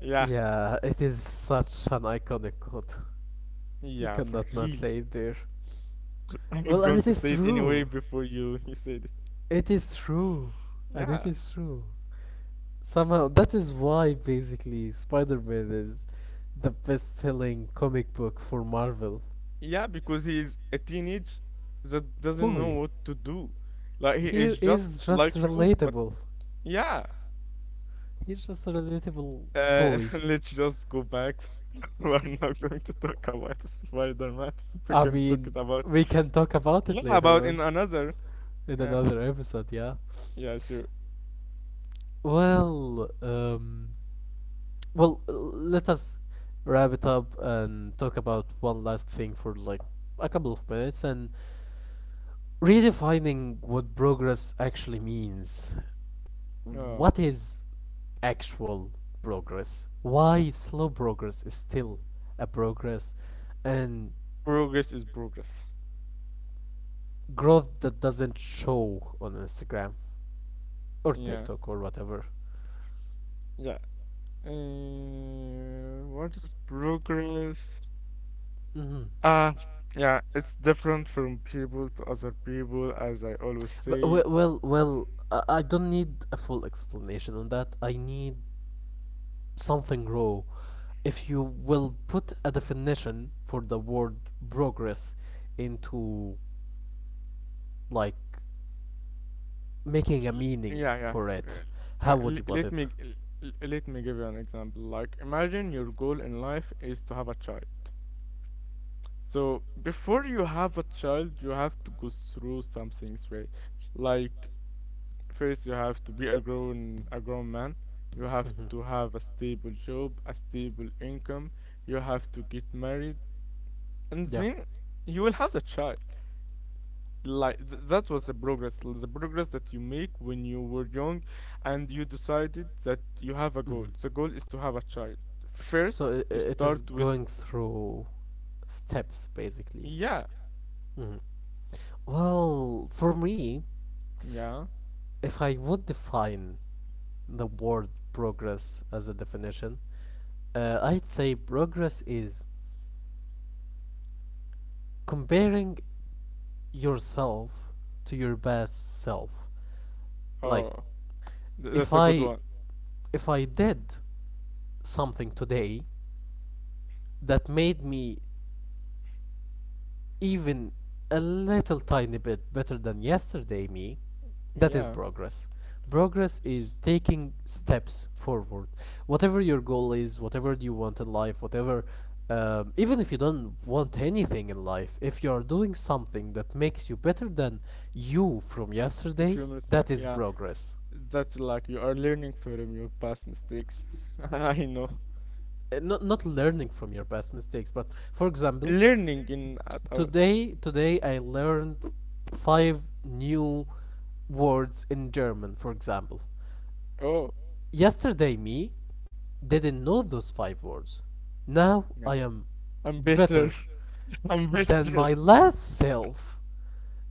[SPEAKER 2] Yeah,
[SPEAKER 1] Yeah, it is such an iconic quote. You
[SPEAKER 2] yeah, for
[SPEAKER 1] cannot not
[SPEAKER 2] real.
[SPEAKER 1] say it there.
[SPEAKER 2] (laughs) I was
[SPEAKER 1] Well, and
[SPEAKER 2] going
[SPEAKER 1] it
[SPEAKER 2] to
[SPEAKER 1] is
[SPEAKER 2] say it anyway
[SPEAKER 1] true.
[SPEAKER 2] before you (laughs) you said it.
[SPEAKER 1] It is true, and it
[SPEAKER 2] Yeah,
[SPEAKER 1] is true. Somehow, that is why basically Spider Man is the best selling comic book for Marvel.
[SPEAKER 2] yeah, because he is a teenage that doesn't
[SPEAKER 1] Boy,
[SPEAKER 2] know what to do. Like he
[SPEAKER 1] he
[SPEAKER 2] is just
[SPEAKER 1] is
[SPEAKER 2] like
[SPEAKER 1] just
[SPEAKER 2] you, but
[SPEAKER 1] relatable.
[SPEAKER 2] yeah.
[SPEAKER 1] He's just a relatable
[SPEAKER 2] Uh,
[SPEAKER 1] boy.
[SPEAKER 2] (laughs) let's just go back. (laughs) We are not going to talk about Spider-Man. (laughs) We
[SPEAKER 1] I
[SPEAKER 2] can talk it
[SPEAKER 1] mean,
[SPEAKER 2] about
[SPEAKER 1] we can talk about it
[SPEAKER 2] yeah,
[SPEAKER 1] later
[SPEAKER 2] about
[SPEAKER 1] on
[SPEAKER 2] in another.
[SPEAKER 1] in
[SPEAKER 2] Yeah,
[SPEAKER 1] another episode, yeah.
[SPEAKER 2] yeah, sure.
[SPEAKER 1] Well, well, let us wrap it up and talk about one last thing for like a couple of minutes, and redefining what progress actually means.
[SPEAKER 2] Oh,
[SPEAKER 1] What is actual progress? Why slow progress is still a progress and
[SPEAKER 2] progress is progress.
[SPEAKER 1] growth that doesn't show on Instagram or
[SPEAKER 2] Yeah,
[SPEAKER 1] TikTok or whatever.
[SPEAKER 2] yeah. What is progress?
[SPEAKER 1] hmm
[SPEAKER 2] Ah, yeah, it's different from people to other people, as I always
[SPEAKER 1] But,
[SPEAKER 2] say.
[SPEAKER 1] well, I don't need a full explanation on that. I need something raw. If you will put a definition for the word progress into like making a meaning
[SPEAKER 2] Yeah, yeah.
[SPEAKER 1] for it, how would
[SPEAKER 2] Le-
[SPEAKER 1] you put
[SPEAKER 2] let
[SPEAKER 1] it?
[SPEAKER 2] me g- l- l- let me give you an example. Like, imagine your goal in life is to have a child.
[SPEAKER 1] So
[SPEAKER 2] So before you have a child, you have to go through something, right? Like first, you have to be a grown man. You have
[SPEAKER 1] have
[SPEAKER 2] to have a stable job, a stable income. You have to get married, and
[SPEAKER 1] Yeah.
[SPEAKER 2] then you will have a child. Like th that was the progress that you make when you were young, and you decided that you have a
[SPEAKER 1] Everything you
[SPEAKER 2] goal. The goal is
[SPEAKER 1] have
[SPEAKER 2] to have a child.
[SPEAKER 1] child.
[SPEAKER 2] First,
[SPEAKER 1] So it
[SPEAKER 2] you
[SPEAKER 1] it is
[SPEAKER 2] start
[SPEAKER 1] not
[SPEAKER 2] with
[SPEAKER 1] going through steps, basically.
[SPEAKER 2] yeah,
[SPEAKER 1] yeah. hmm Well, for me,
[SPEAKER 2] yeah.
[SPEAKER 1] if I would define the word progress as a definition, I'd say progress is comparing yourself to your best self. Like
[SPEAKER 2] Oh, th
[SPEAKER 1] if
[SPEAKER 2] that's a good
[SPEAKER 1] I
[SPEAKER 2] one.
[SPEAKER 1] if I did something today that made me even a little tiny bit better than yesterday me, that is
[SPEAKER 2] Yeah,
[SPEAKER 1] progress. Progress is taking steps forward. Whatever your goal is, whatever you want in life, whatever, even if you don't want anything in life, if you are doing something that makes you better than you from
[SPEAKER 2] if
[SPEAKER 1] yesterday,
[SPEAKER 2] you understand.
[SPEAKER 1] that is
[SPEAKER 2] Yeah.
[SPEAKER 1] progress.
[SPEAKER 2] That's like you are learning from your past mistakes. (laughs) I know.
[SPEAKER 1] Not learning from your past mistakes, but for example,
[SPEAKER 2] Learning in
[SPEAKER 1] t-
[SPEAKER 2] at our
[SPEAKER 1] today today I learned five new words in German, for example.
[SPEAKER 2] oh
[SPEAKER 1] Yesterday me didn't know those five words. Now
[SPEAKER 2] yeah.
[SPEAKER 1] I am
[SPEAKER 2] I'm better.
[SPEAKER 1] better
[SPEAKER 2] (laughs) I'm
[SPEAKER 1] than
[SPEAKER 2] better.
[SPEAKER 1] my last self,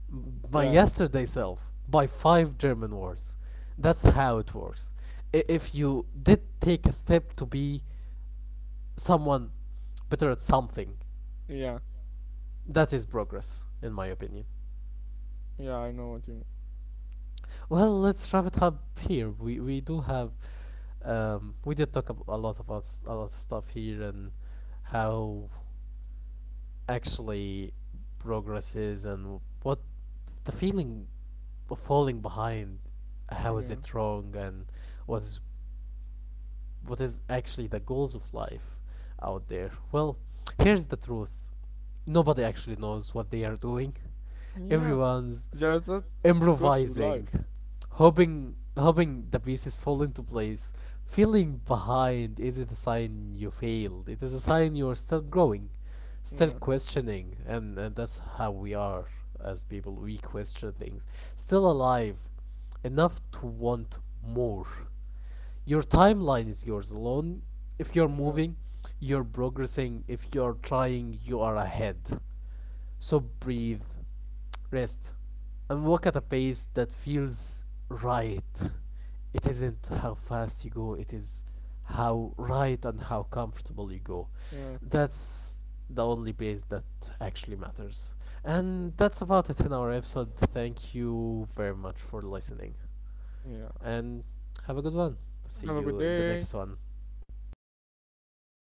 [SPEAKER 1] my
[SPEAKER 2] Yeah.
[SPEAKER 1] yesterday self, by five German words. That's how it works. If you did take a step to be someone better at something.
[SPEAKER 2] Yeah.
[SPEAKER 1] That is progress, in my opinion.
[SPEAKER 2] Yeah, I know what you
[SPEAKER 1] Well, let's wrap it up here. We do have, we did talk a lot about a lot of stuff here and how actually progress is and what the feeling of falling behind, how is
[SPEAKER 2] mean.
[SPEAKER 1] it wrong and what's what is actually the goals of life out there. Well, here's the truth. Nobody actually knows what they are doing.
[SPEAKER 2] Yeah.
[SPEAKER 1] Everyone's
[SPEAKER 2] Yeah. Yeah, that goes through
[SPEAKER 1] improvising,
[SPEAKER 2] life.
[SPEAKER 1] hoping the pieces fall into place. Feeling behind isn't a sign you failed. It is a sign you are still growing, still
[SPEAKER 2] Yeah.
[SPEAKER 1] questioning, and that's how we are as people. We question things. Still alive, enough to want more. Your timeline is yours alone. If you're
[SPEAKER 2] Yeah.
[SPEAKER 1] moving, you're progressing. If you're trying, you are ahead. So breathe, rest, and walk at a pace that feels right. It isn't how fast you go, it is how right and how comfortable you go.
[SPEAKER 2] Yeah.
[SPEAKER 1] That's the only pace that actually matters. And that's about it in our episode. Thank you very much for listening,
[SPEAKER 2] Yeah.
[SPEAKER 1] and have a good one. See
[SPEAKER 2] Have a good
[SPEAKER 1] you in the
[SPEAKER 2] day.
[SPEAKER 1] next one.